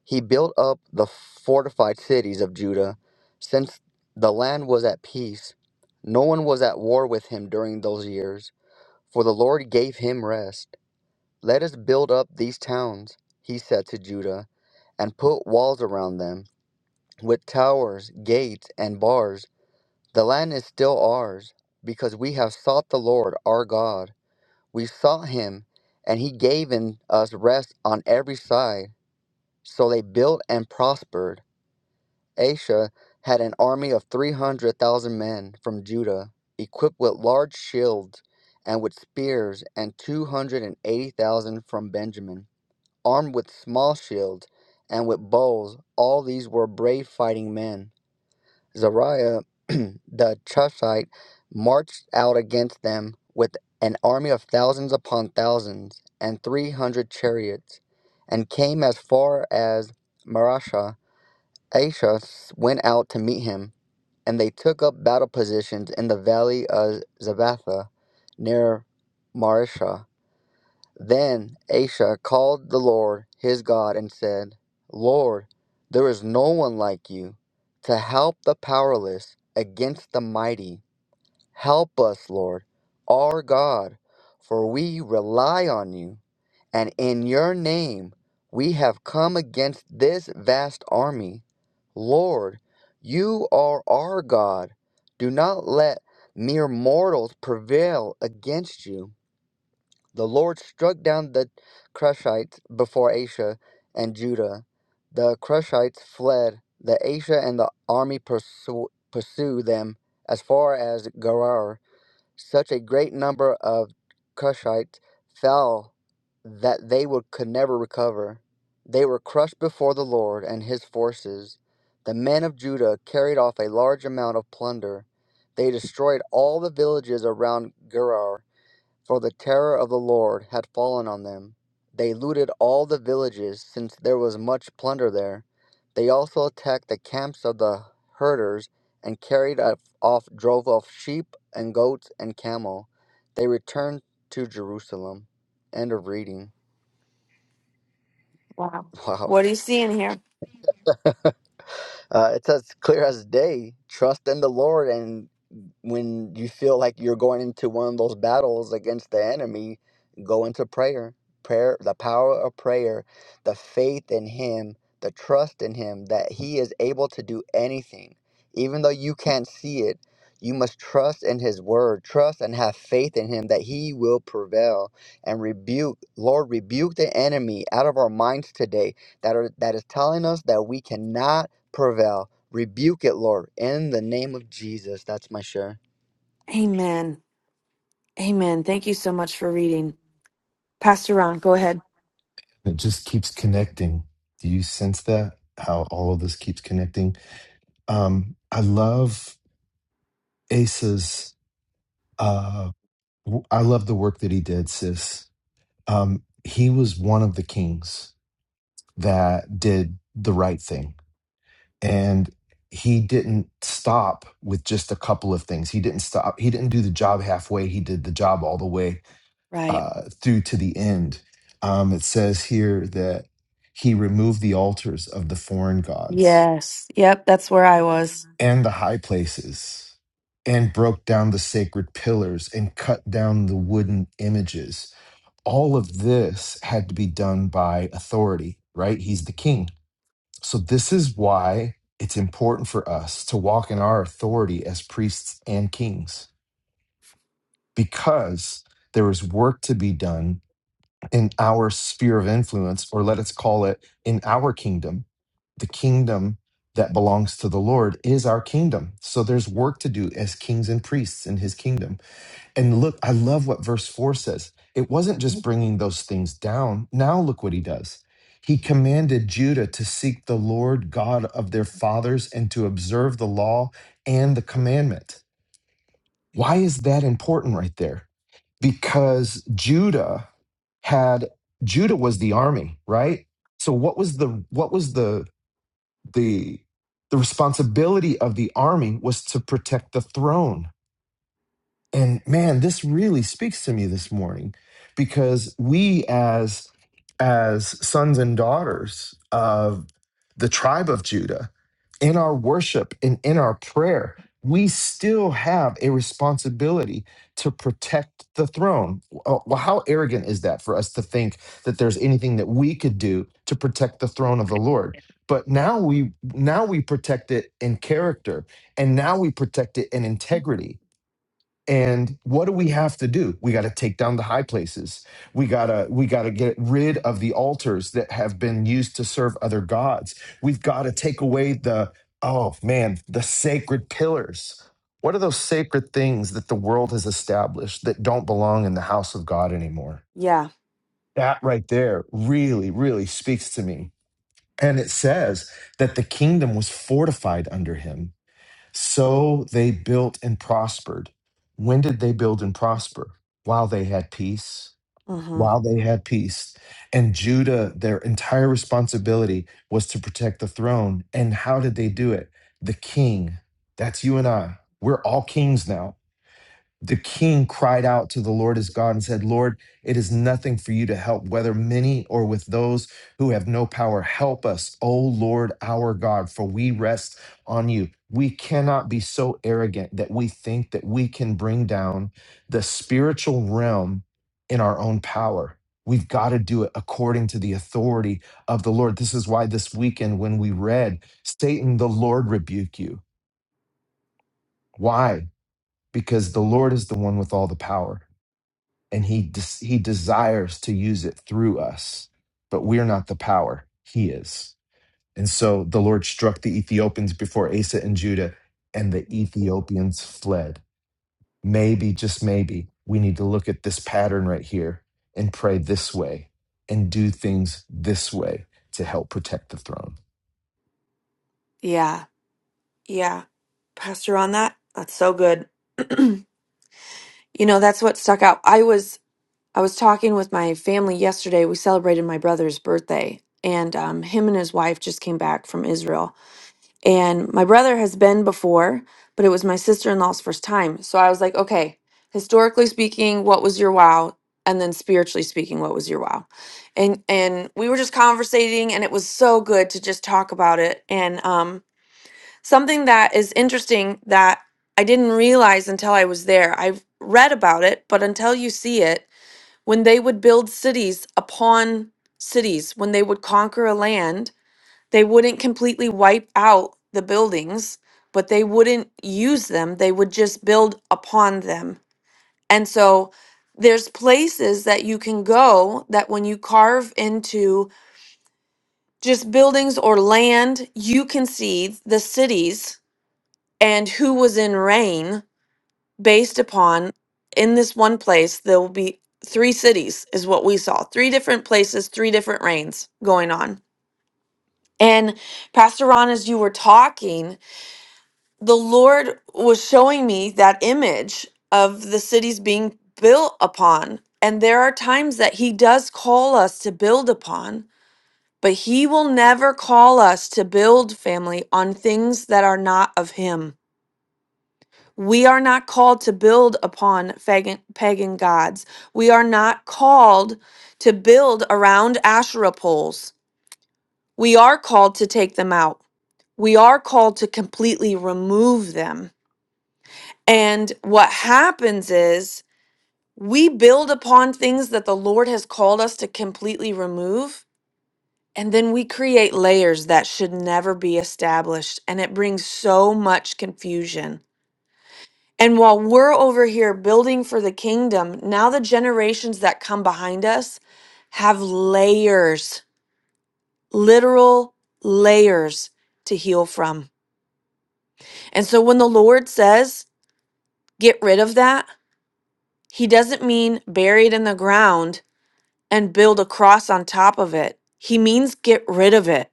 He built up the fortified cities of Judah. Since the land was at peace, no one was at war with him during those years, for the Lord gave him rest. Let us build up these towns, he said to Judah, and put walls around them, with towers, gates, and bars. The land is still ours, because we have sought the Lord our God. We sought him, and he gave in us rest on every side. So they built and prospered. Asa had an army of 300,000 men from Judah, equipped with large shields and with spears, and 280,000 from Benjamin, armed with small shields and with bows. All these were brave fighting men. Zariah [clears throat] the Chushite marched out against them with an army of thousands upon thousands and 300 chariots, and came as far as Marashah Aishas went out to meet him, and they took up battle positions in the valley of Zabatha near Marisha. Then Aisha called the Lord his God and said, Lord, there is no one like you to help the powerless against the mighty. Help us, Lord, our God, for we rely on you. And in your name we have come against this vast army. Lord, you are our God. Do not let mere mortals prevail against you. The Lord struck down the Cushites before Asher and Judah. The Cushites fled. The Asher and the army pursu- pursued them as far as Gerar such a great number of Cushites fell that they would, could never recover. They were crushed before the Lord and his forces. The men of Judah carried off a large amount of plunder. They destroyed all the villages around Gerar for the terror of the Lord had fallen on them. They looted all the villages, since there was much plunder there. They also attacked the camps of the herders and carried off drove off sheep and goats and camel. They returned to Jerusalem. End of reading. [laughs]
Wow.
Wow.
What do you see in here?
Uh, it's as clear as day. Trust in the Lord, and. when you feel like you're going into one of those battles against the enemy, go into prayer. Prayer, the power of prayer, the faith in Him, the trust in Him that He is able to do anything. Even though you can't see it, you must trust in His word, trust and have faith in Him that He will prevail and rebuke, Lord, rebuke the enemy out of our minds today that, are, that is telling us that we cannot prevail Rebuke it, Lord, in the name of Jesus. That's my share.
Amen. Amen. Thank you so much for reading. Pastor Ron, go ahead.
It just keeps connecting. Do you sense that? How all of this keeps connecting? Um, I love Asa's Uh, w- I love the work that he did, sis. Um, he was one of the kings that did the right thing, and he didn't stop with just a couple of things. He didn't stop. He didn't do the job halfway. He did the job all the way
Right.
uh, through to the end. Um, it says here that he removed the altars of the foreign gods
Yes. Yep. That's where I was.
and the high places and broke down the sacred pillars and cut down the wooden images all of this had to be done by authority, right? He's the king. So, this is why it's important for us to walk in our authority as priests and kings, because there is work to be done in our sphere of influence, or let us call it in our kingdom. The kingdom that belongs to the Lord is our kingdom. So, there's work to do as kings and priests in his kingdom and look, I love what verse 4 says. It wasn't just bringing those things down. Now look what he does. He commanded Judah to seek the Lord God of their fathers and to observe the law and the commandment. Why is that important right there? Because Judah had Judah was the army, right? So what was the what was the the the responsibility of the army was to protect the throne and man, this really speaks to me this morning because we as as sons and daughters of the tribe of Judah in our worship and in our prayer, we still have a responsibility to protect the throne. Uh, Well, how arrogant is that for us to think that there's anything that we could do to protect the throne of the Lord? But now we now we protect it in character and now we protect it in integrity and what do we have to do? We got to take down the high places. We got to we got to get rid of the altars that have been used to serve other gods. We've got to take away the oh man, the sacred pillars. What are those sacred things that the world has established that don't belong in the house of God anymore?
Yeah.
That right there really really speaks to me. And it says that the kingdom was fortified under him so they built and prospered. When did they build and prosper? While they had peace.
Mm-hmm.
While they had peace. And Judah, their entire responsibility was to protect the throne. And how did they do it? The king. That's you and I. We're all kings now the king cried out to the Lord his God and said, Lord, it is nothing for you to help, whether many or with those who have no power. Help us, O Lord our God, for we rest on you. We cannot be so arrogant that we think that we can bring down the spiritual realm in our own power. We've got to do it according to the authority of the Lord. This is why this weekend, when we read, Satan, the Lord rebuke you. Why? Because the Lord is the one with all the power and he des- he desires to use it through us but we're not the power he is and so the lord struck the ethiopians before asa and judah and the ethiopians fled maybe, just maybe, we need to look at this pattern right here and pray this way and do things this way to help protect the throne.
Yeah. Yeah. Pastor Ron, that that's so good. You know, that's what stuck out. I was I was talking with my family yesterday. We celebrated my brother's birthday, and um, him and his wife just came back from Israel. And my brother has been before, but it was my sister-in-law's first time. So I was like, okay, historically speaking, what was your wow? And then spiritually speaking, what was your wow? And and we were just conversating, and it was so good to just talk about it. And um, Something that is interesting that I didn't realize until I was there. I've read about it, but until you see it, when they would build cities upon cities, when they would conquer a land, they wouldn't completely wipe out the buildings, but they wouldn't use them. They would just build upon them. And so there's places that you can go that when you carve into just buildings or land, you can see the cities and who was in reign based upon in this one place there will be three cities is what we saw three different places three different reigns going on and pastor ron as you were talking the lord was showing me that image of the cities being built upon and there are times that he does call us to build upon but he will never call us to build family on things that are not of him We are not called to build upon pagan, pagan gods. We are not called to build around Asherah poles. We are called to take them out. We are called to completely remove them. And what happens is we build upon things that the Lord has called us to completely remove. And then we create layers that should never be established. And it brings so much confusion. And while we're over here building for the kingdom, now the generations that come behind us have layers, literal layers to heal from. And so when the Lord says, get rid of that, he doesn't mean bury it in the ground and build a cross on top of it. He means get rid of it.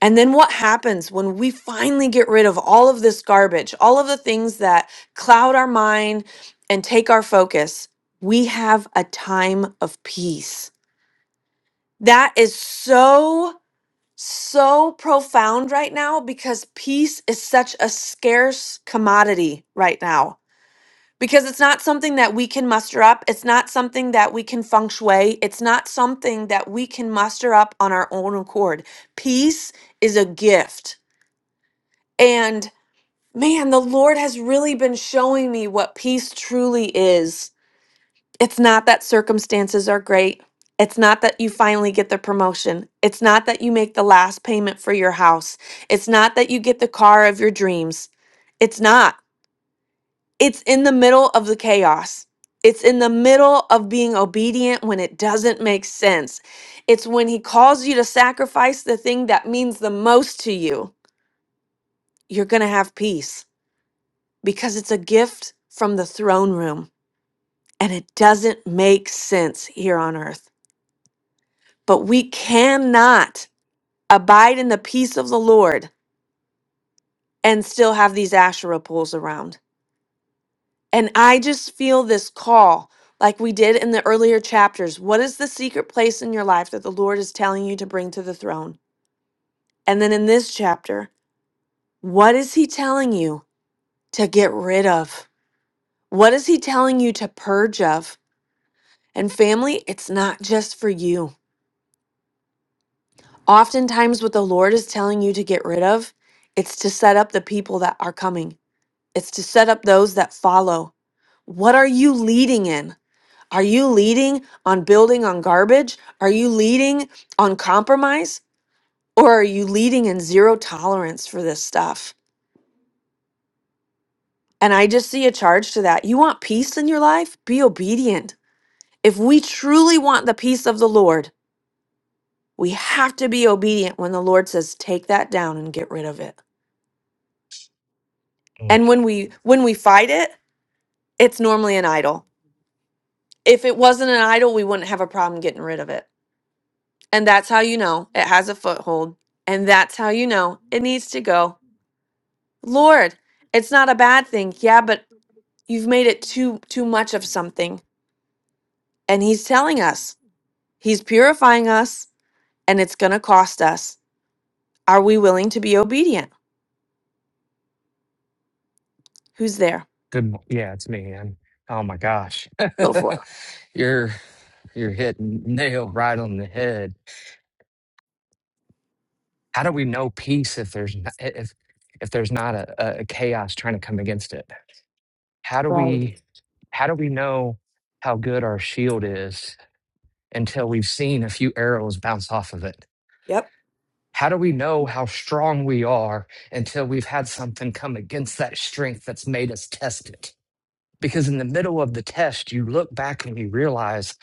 And then what happens when we finally get rid of all of this garbage, all of the things that cloud our mind and take our focus? We have a time of peace. That is so, so profound right now because peace is such a scarce commodity right now. Because it's not something that we can muster up. It's not something that we can feng shui. It's not something that we can muster up on our own accord. Peace is a gift. And Man, the Lord has really been showing me what peace truly is. It's not that circumstances are great. It's not that you finally get the promotion. It's not that you make the last payment for your house. It's not that you get the car of your dreams. It's not. It's in the middle of the chaos. It's in the middle of being obedient when it doesn't make sense. It's when He calls you to sacrifice the thing that means the most to you. You're going to have peace. because it's a gift from the throne room and it doesn't make sense here on earth. But we cannot abide in the peace of the Lord and still have these Asherah poles around. And I just feel this call, like we did in the earlier chapters. What is the secret place in your life that the Lord is telling you to bring to the throne? And then in this chapter, what is He telling you to get rid of? What is He telling you to purge of? And family, it's not just for you. Oftentimes, what the Lord is telling you to get rid of, it's to set up the people that are coming, it's to set up those that follow. What are you leading in? Are you leading on building on garbage? Are you leading on compromise? Or are you leading in zero tolerance for this stuff? And I just see a charge to that. You want peace in your life? Be obedient. If we truly want the peace of the Lord, we have to be obedient when the Lord says, take that down and get rid of it.
Mm.
And when we when we fight it, it's normally an idol. If it wasn't an idol, we wouldn't have a problem getting rid of it. And that's how you know it has a foothold. And that's how you know it needs to go. Lord, it's not a bad thing. Yeah, but you've made it too too much of something. And he's telling us. He's purifying us and it's going to cost us. Are we willing to be obedient? Who's there?
Good. mo- Yeah, it's me, man. Oh my gosh. [laughs] you're you're hitting nail right on the head. How do we know peace if there's not, if if there's not a, a a chaos trying to come against it? how do we how do we know how good our shield is until we've seen a few arrows bounce off of it?
Yep.
How do we know how strong we are until we've had something come against that strength that's made us test it? Because in the middle of the test, you look back and you realize,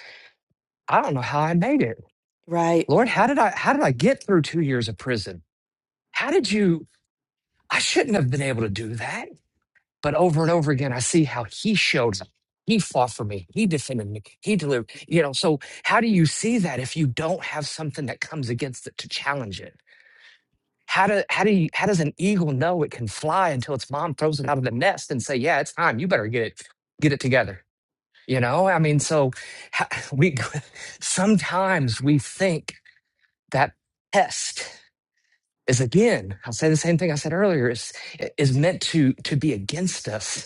I don't know how I made it.
Right.
Lord, how did I how did I get through two years of prison? How did you I shouldn't have been able to do that But over and over again, I see how he showed up. He fought for me. He defended me. He delivered. You know, so how do you see that if you don't have something that comes against it to challenge it? How do how do you how does an eagle know it can fly until its mom throws it out of the nest and say, "Yeah, it's time. You better get it get it together." You know, I mean, so ha- [laughs] we [laughs] sometimes we think that test is again. I'll say the same thing I said earlier. Is is meant to to be against us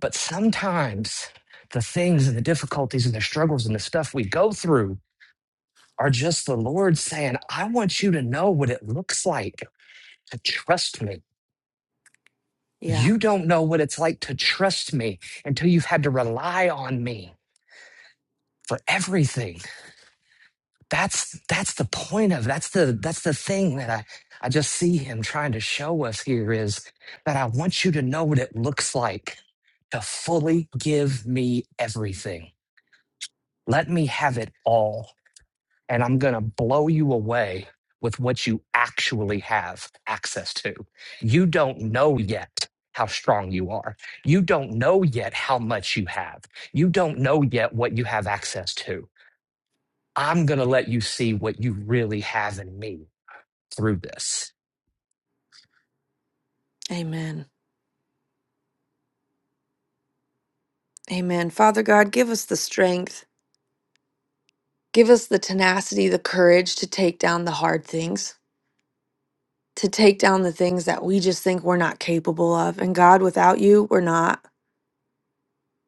but sometimes the things and the difficulties and the struggles and the stuff we go through are just the Lord saying, I want you to know what it looks like to trust me.
Yeah.
You don't know what it's like to trust me until you've had to rely on me for everything. That's that's the point of that's the that's the thing that I I just see him trying to show us here is that I want you to know what it looks like to fully give me everything. Let me have it all and I'm going to blow you away with what you actually have access to. You don't know yet how strong you are. You don't know yet how much you have. You don't know yet what you have access to. I'm going to let you see what you really have in me through this.
Amen. Amen. Father God, give us the strength. Give us the tenacity, the courage to take down the hard things, to take down the things that we just think we're not capable of. And God, without you, we're not.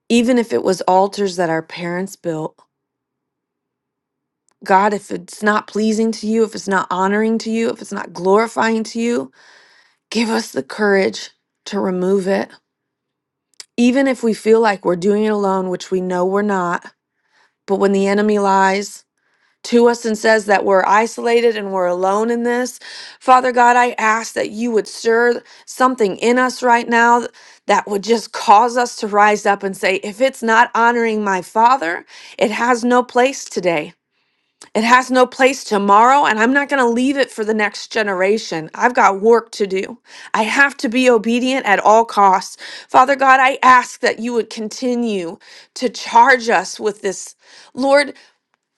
Even if it was altars that our parents built, God, if it's not pleasing to you, if it's not honoring to you, if it's not glorifying to you, give us the courage to remove it. Even if we feel like we're doing it alone, which we know we're not, but when the enemy lies, to us and says that we're isolated and we're alone in this. Father God, I ask that you would stir something in us right now that would just cause us to rise up and say, if it's not honoring my Father, it has no place today. It has no place tomorrow, and I'm not going to leave it for the next generation. I've got work to do. I have to be obedient at all costs. Father God, I ask that you would continue to charge us with this. Lord,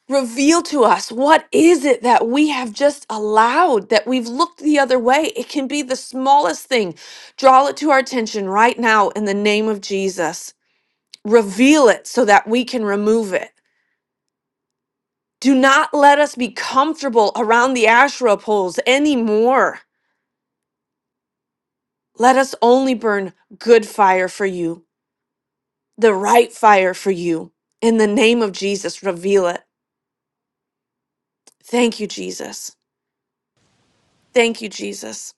Reveal to us what is it that we have just allowed, that we've looked the other way. It can be the smallest thing. Draw it to our attention right now in the name of Jesus. Reveal it so that we can remove it. Do not let us be comfortable around the Asherah poles anymore. Let us only burn good fire for you, the right fire for you. In the name of Jesus, reveal it. Thank you, Jesus. Thank you, Jesus.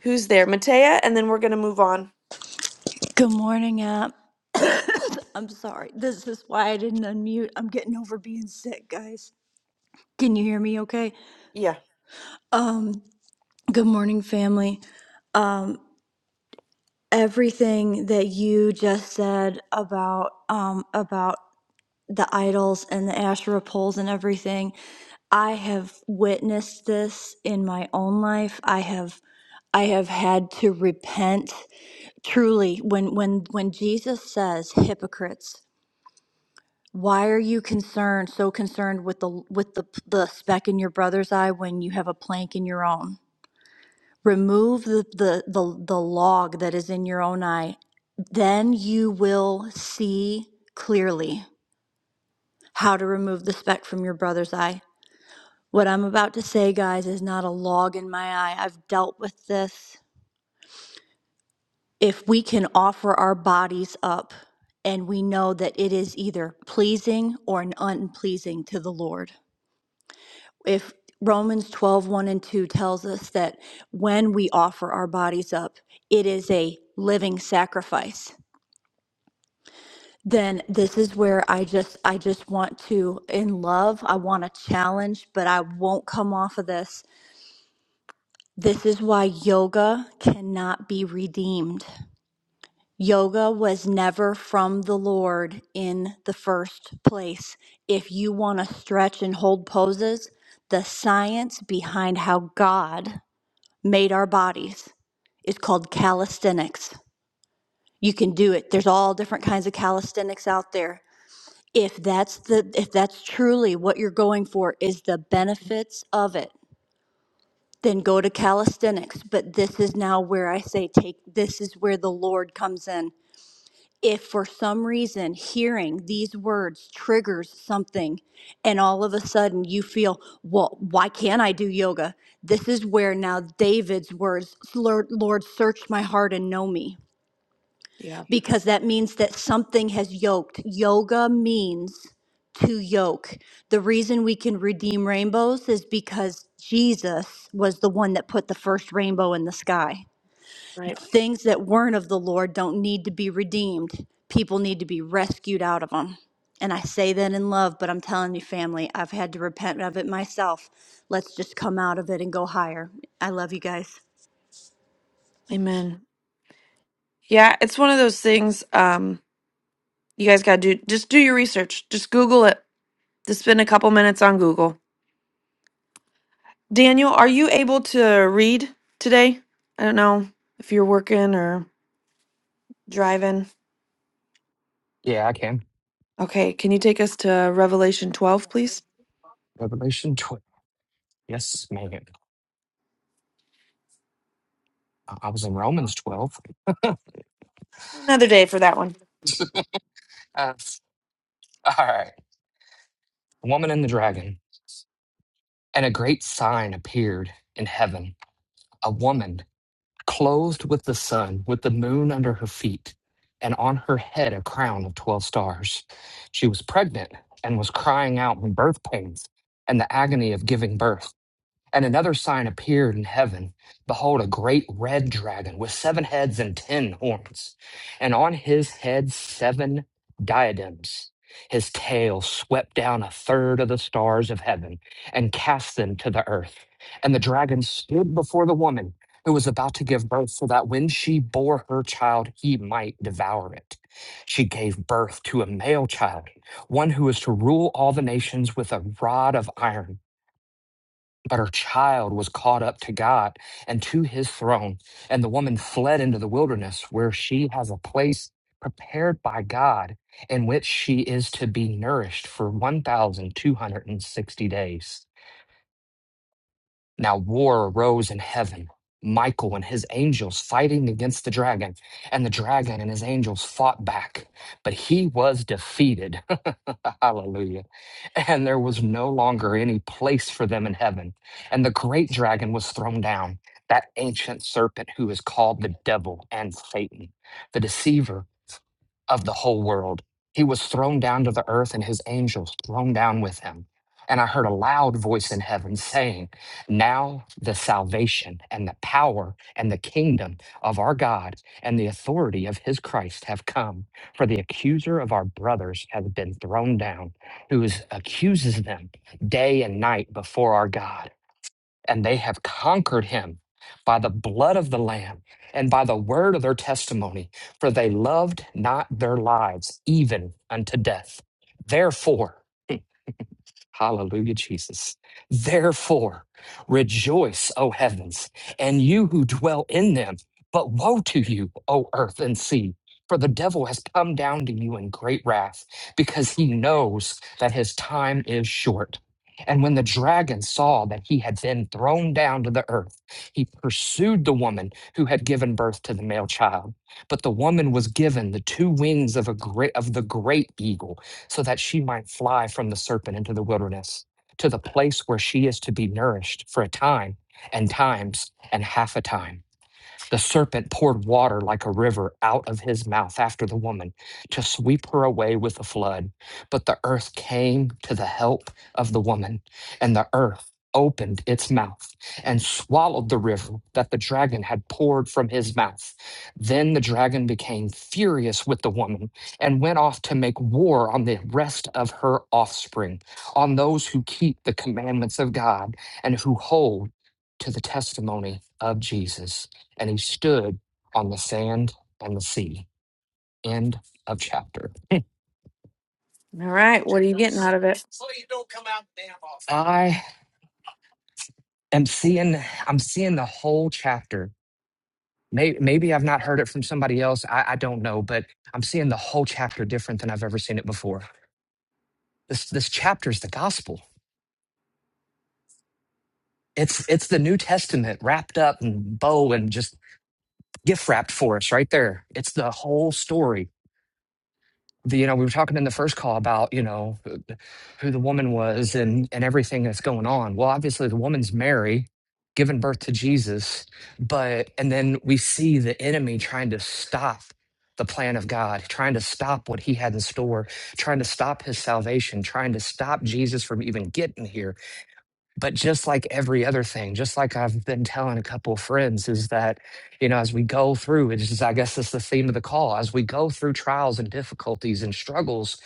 Who's there? Matea, and then we're going to move on.
Good morning, app. [coughs] I'm sorry. This is why I didn't unmute. I'm getting over being sick, guys. Can you hear me okay?
Yeah.
Um, good morning, family. Um, everything that you just said about um about the idols and the Asherah poles and everything, I have witnessed this in my own life. I have I have had to repent truly when when when Jesus says hypocrites Why are you concerned, so concerned with the with the the speck in your brother's eye when you have a plank in your own? Remove the the the, the log that is in your own eye, then you will see clearly how to remove the speck from your brother's eye. What I'm about to say, guys, is not a log in my eye. I've dealt with this. If we can offer our bodies up and we know that it is either pleasing or unpleasing to the Lord if Romans twelve one and 2 tells us that when we offer our bodies up, it is a living sacrifice, then this is where I just I just want to in love, I want to challenge, but I won't come off of this. This is why yoga cannot be redeemed. Yoga was never from the Lord in the first place. If you want to stretch and hold poses, the science behind how God made our bodies. It's called calisthenics. You can do it. There's all different kinds of calisthenics out there. If that's the if that's truly what you're going for is the
Mhm.
benefits of it, then go to calisthenics. But this is now where I say take this is where the Lord comes in if for some reason hearing these words triggers something and all of a sudden you feel, well, why can't I do yoga? This is where now David's words, Lord, Lord, search my heart and know me,
Yeah.
because that means that something has yoked. Yoga means to yoke. The reason we can redeem rainbows is because Jesus was the one that put the first rainbow in the sky.
Right.
Things that weren't of the Lord don't need to be redeemed. People need to be rescued out of them. And I say that in love, but I'm telling you, family, I've had to repent of it myself. Let's just come out of it and go higher. I love you guys.
Amen. Yeah, it's one of those things um you guys got to do just do your research. Just Google it. Just spend a couple minutes on Google. Daniel, are you able to read today? I don't know if you're working or driving.
Yeah, I can.
Okay, can you take us to Revelation 12, please?
Revelation 12. Yes, Megan. I I was in Romans 12.
Another day for that one.
[laughs] Uh, all right. Woman and the dragon. And a great sign appeared in heaven a woman clothed with the sun, with the moon under her feet, and on her head a crown of 12 stars. She was pregnant and was crying out in birth pains and the agony of giving birth. And another sign appeared in heaven. Behold, a great red dragon with seven heads and ten horns, and on his head seven diadems. His tail swept down a third of the stars of heaven and cast them to the earth. And the dragon stood before the woman who was about to give birth, so that when she bore her child, he might devour it. She gave birth to a male child, one who is to rule all the nations with a rod of iron. But her child was caught up to God and to his throne. And the woman fled into the wilderness where she has a place prepared by God in which she is to be nourished for 1,260 days. Now war arose in heaven, Michael and his angels fighting against the dragon, and the dragon and his angels fought back, but he was defeated. [laughs] Hallelujah. And there was no longer any place for them in heaven. And the great dragon was thrown down, that ancient serpent who is called the devil and Satan, the deceiver of the whole world. He was thrown down to the earth and his angels thrown down with him. And I heard a loud voice in heaven saying, Now the salvation and the power and the kingdom of our God and the authority of his Christ have come. For the accuser of our brothers has been thrown down, who is, accuses them day and night before our God and they have conquered him by the blood of the Lamb and by the word of their testimony, for they loved not their lives even unto death. Therefore, Hallelujah, Jesus. Therefore, rejoice, O heavens, and you who dwell in them. But woe to you, O earth and sea, for the devil has come down to you in great wrath, because he knows that his time is short. And when the dragon saw that he had been thrown down to the earth, he pursued the woman who had given birth to the male child. But the woman was given the two wings of, a great, of the great eagle so that she might fly from the serpent into the wilderness to the place where she is to be nourished for a time and times and half a time the serpent poured water like a river out of his mouth after the woman to sweep her away with a flood. But the earth came to the help of the woman, and the earth opened its mouth and swallowed the river that the dragon had poured from his mouth. Then the dragon became furious with the woman and went off to make war on the rest of her offspring, on those who keep the commandments of God and who hold to the testimony of Jesus and he stood on the sand and the sea. End of chapter.
All right, what are you getting out of it?
So you don't come out damn often. I am seeing I'm seeing the whole chapter. Maybe, maybe I've not heard it from somebody else. I, I don't know, but I'm seeing the whole chapter different than I've ever seen it before. This this chapter is the gospel. It's it's the New Testament wrapped up in bow and just gift wrapped for us right there. It's the whole story the- you know, we were talking in the first call about, you know, who who the woman was and and everything that's going on. Well, obviously the woman's Mary giving birth to Jesus, but and then we see the enemy trying to stop the plan of God, trying to stop what he had in store, trying to stop his salvation, trying to stop Jesus from even getting here but just like every other thing, just like I've been telling a couple of friends, is that, you know, as we go through, it is, just I guess that's the theme of the call. As we go through trials and difficulties and struggles,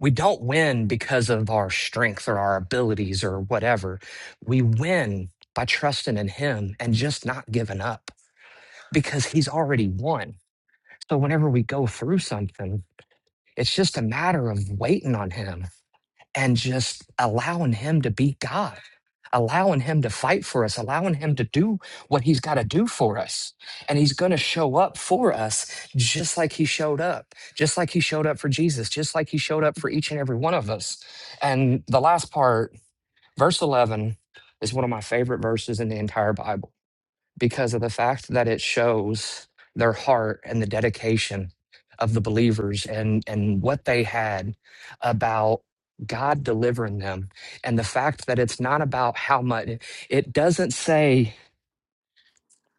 we don't win because of our strength or our abilities or whatever. We win by trusting in Him and just not giving up because He's already won. So whenever we go through something, it's just a matter of waiting on Him and just allowing him to be God, allowing him to fight for us, allowing him to do what he's got to do for us. And he's going to show up for us just like he showed up, just like he showed up for Jesus, just like he showed up for each and every one of us. And the last part, verse 11, is one of my favorite verses in the entire Bible because of the fact that it shows their heart and the dedication of the believers and and what they had about God delivering them and the fact that it's not about how much it doesn't say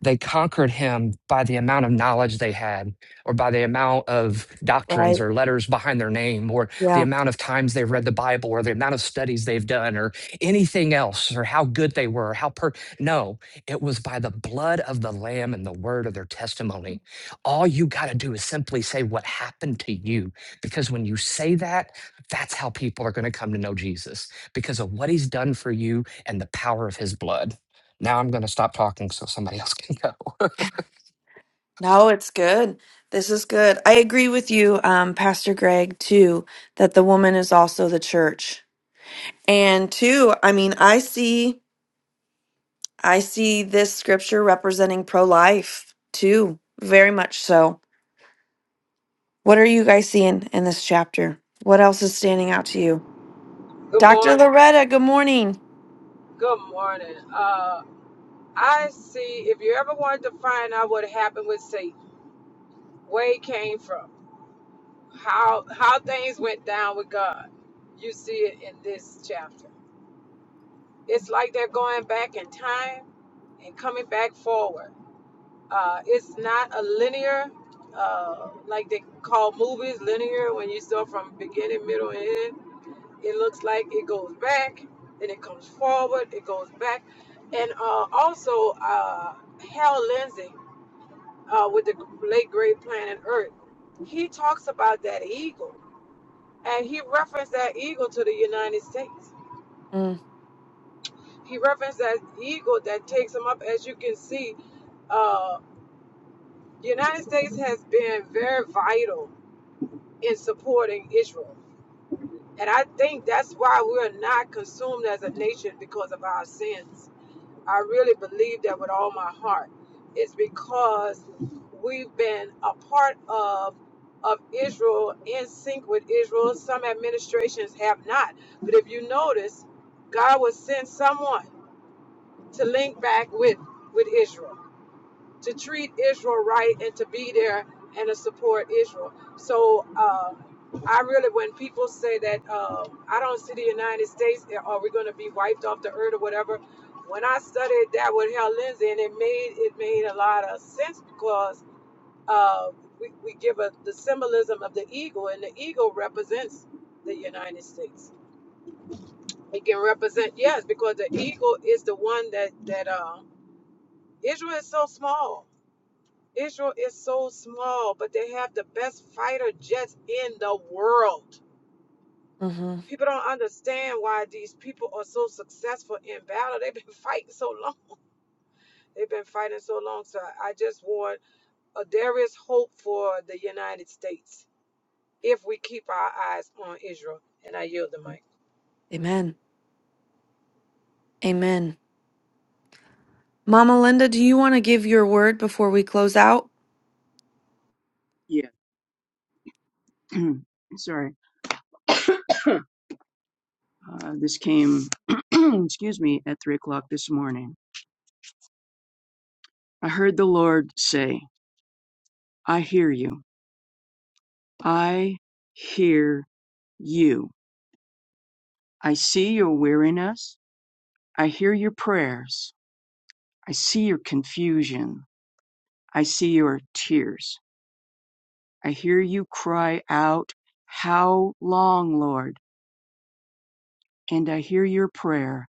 they conquered him by the amount of knowledge they had, or by the amount of
Right.
doctrines or letters behind their name, or
Yeah.
the amount of times they've read the Bible, or the amount of studies they've done, or anything else, or how good they were, how per. No, it was by the blood of the Lamb and the word of their testimony. All you got to do is simply say what happened to you, because when you say that, that's how people are going to come to know Jesus because of what he's done for you and the power of his blood. Now I'm going to stop talking so somebody else can go.
No, it's good. This is good. I agree with you, um, Pastor Greg, too, that the woman is also the church. And two, I mean, I see I see this scripture representing pro-life too, very much so. What are you guys seeing in this chapter? What else is standing out to you?
Good
Dr.
morning.
Loretta, good morning.
Good morning. Uh, I see. If you ever wanted to find out what happened with Satan, where he came from, how how things went down with God, you see it in this chapter. It's like they're going back in time and coming back forward. Uh, it's not a linear, uh, like they call movies linear when you start from beginning, middle, and end It looks like it goes back, then it comes forward, it goes back. And uh, also, uh, Hal Lindsey uh, with the late great Planet Earth, he talks about that eagle. And he referenced that eagle to the United States.
Mm,
He referenced that eagle that takes him up. As you can see, uh, the United States has been very vital in supporting Israel. And I think that's why we're not consumed as a nation because of our sins I really believe that with all my heart. It's because we've been a part of of Israel in sync with Israel. Some administrations have not. But if you notice, God will send someone to link back with with Israel to treat Israel right and to be there and to support Israel. So uh, I really, when people say that uh, I don't see the United States, eh, are we going to be wiped off the earth or whatever? When I studied that with Hal Lindsey, and it made it made a lot of sense because uh, we, we give a, the symbolism of the eagle, and the eagle represents the United States. It can represent yes, because the eagle is the one that that uh, Israel is so small Israel is so small, but they have the best fighter jets in the world.
hmm
People don't understand why these people are so successful in battle. They've been [laughs] fighting so long. They've been fighting so long. So I just want uh, there is hope for the United States if we keep our eyes on Israel. And I yield the mic.
Amen. Amen. Mama Linda, do you want to give your word before we close out?
Yeah. [clears throat] Sorry. [coughs] Uh, this came, [clears throat] excuse me, at three o'clock this morning. I heard the Lord say, I hear you. I hear you. I see your weariness. I hear your prayers. I see your confusion. I see your tears. I hear you cry out, How long, Lord? And I hear your prayer,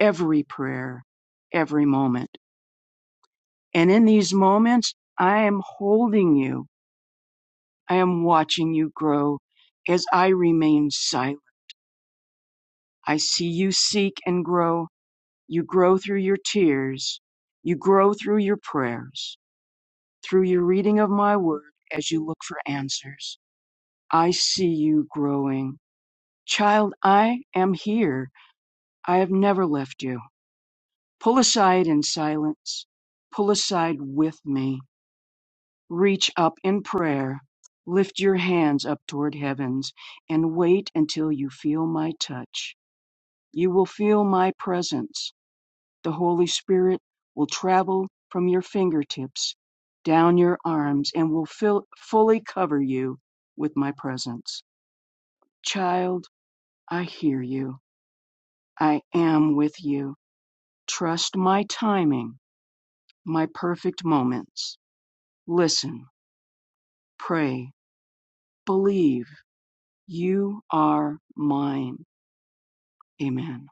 every prayer, every moment. And in these moments, I am holding you. I am watching you grow as I remain silent. I see you seek and grow. You grow through your tears. You grow through your prayers, through your reading of my word as you look for answers. I see you growing. Child, I am here. I have never left you. Pull aside in silence. Pull aside with me. Reach up in prayer, lift your hands up toward heavens, and wait until you feel my touch. You will feel my presence. The Holy Spirit will travel from your fingertips down your arms and will fill, fully cover you with my presence. Child, I hear you. I am with you. Trust my timing, my perfect moments. Listen, pray, believe You are mine. Amen.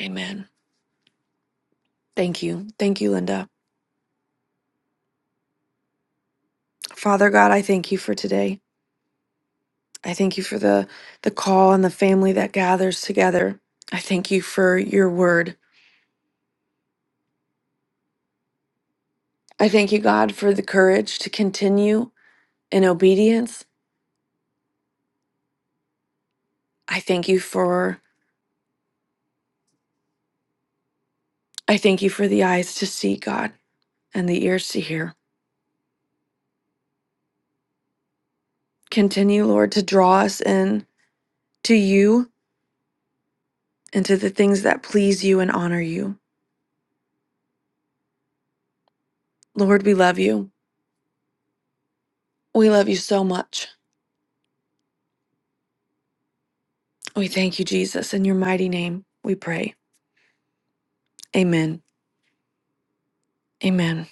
Amen. Thank you. Thank you, Linda. Father God, I thank you for today. I thank you for the the call and the family that gathers together. I thank you for your word. I thank you, God, for the courage to continue in obedience. I thank you for I thank you for the eyes to see, God, and the ears to hear. Continue, Lord, to draw us in to you and to the things that please you and honor you. Lord, we love you. We love you so much. We thank you, Jesus. In your mighty name, we pray. Amen. Amen.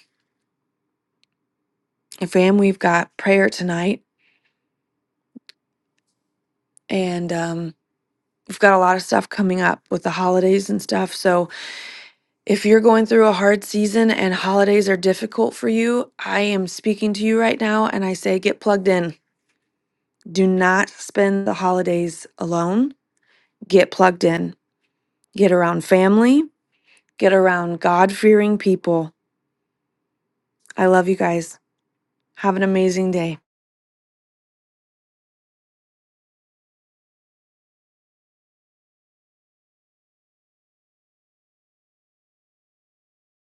And fam, we've got prayer tonight, and um, we've got a lot of stuff coming up with the holidays and stuff. So if you're going through a hard season and holidays are difficult for you, I am speaking to you right now, and I say get plugged in. Do not spend the holidays alone. Get plugged in. Get around family. Get around God fearing people. I love you guys. Have an amazing day.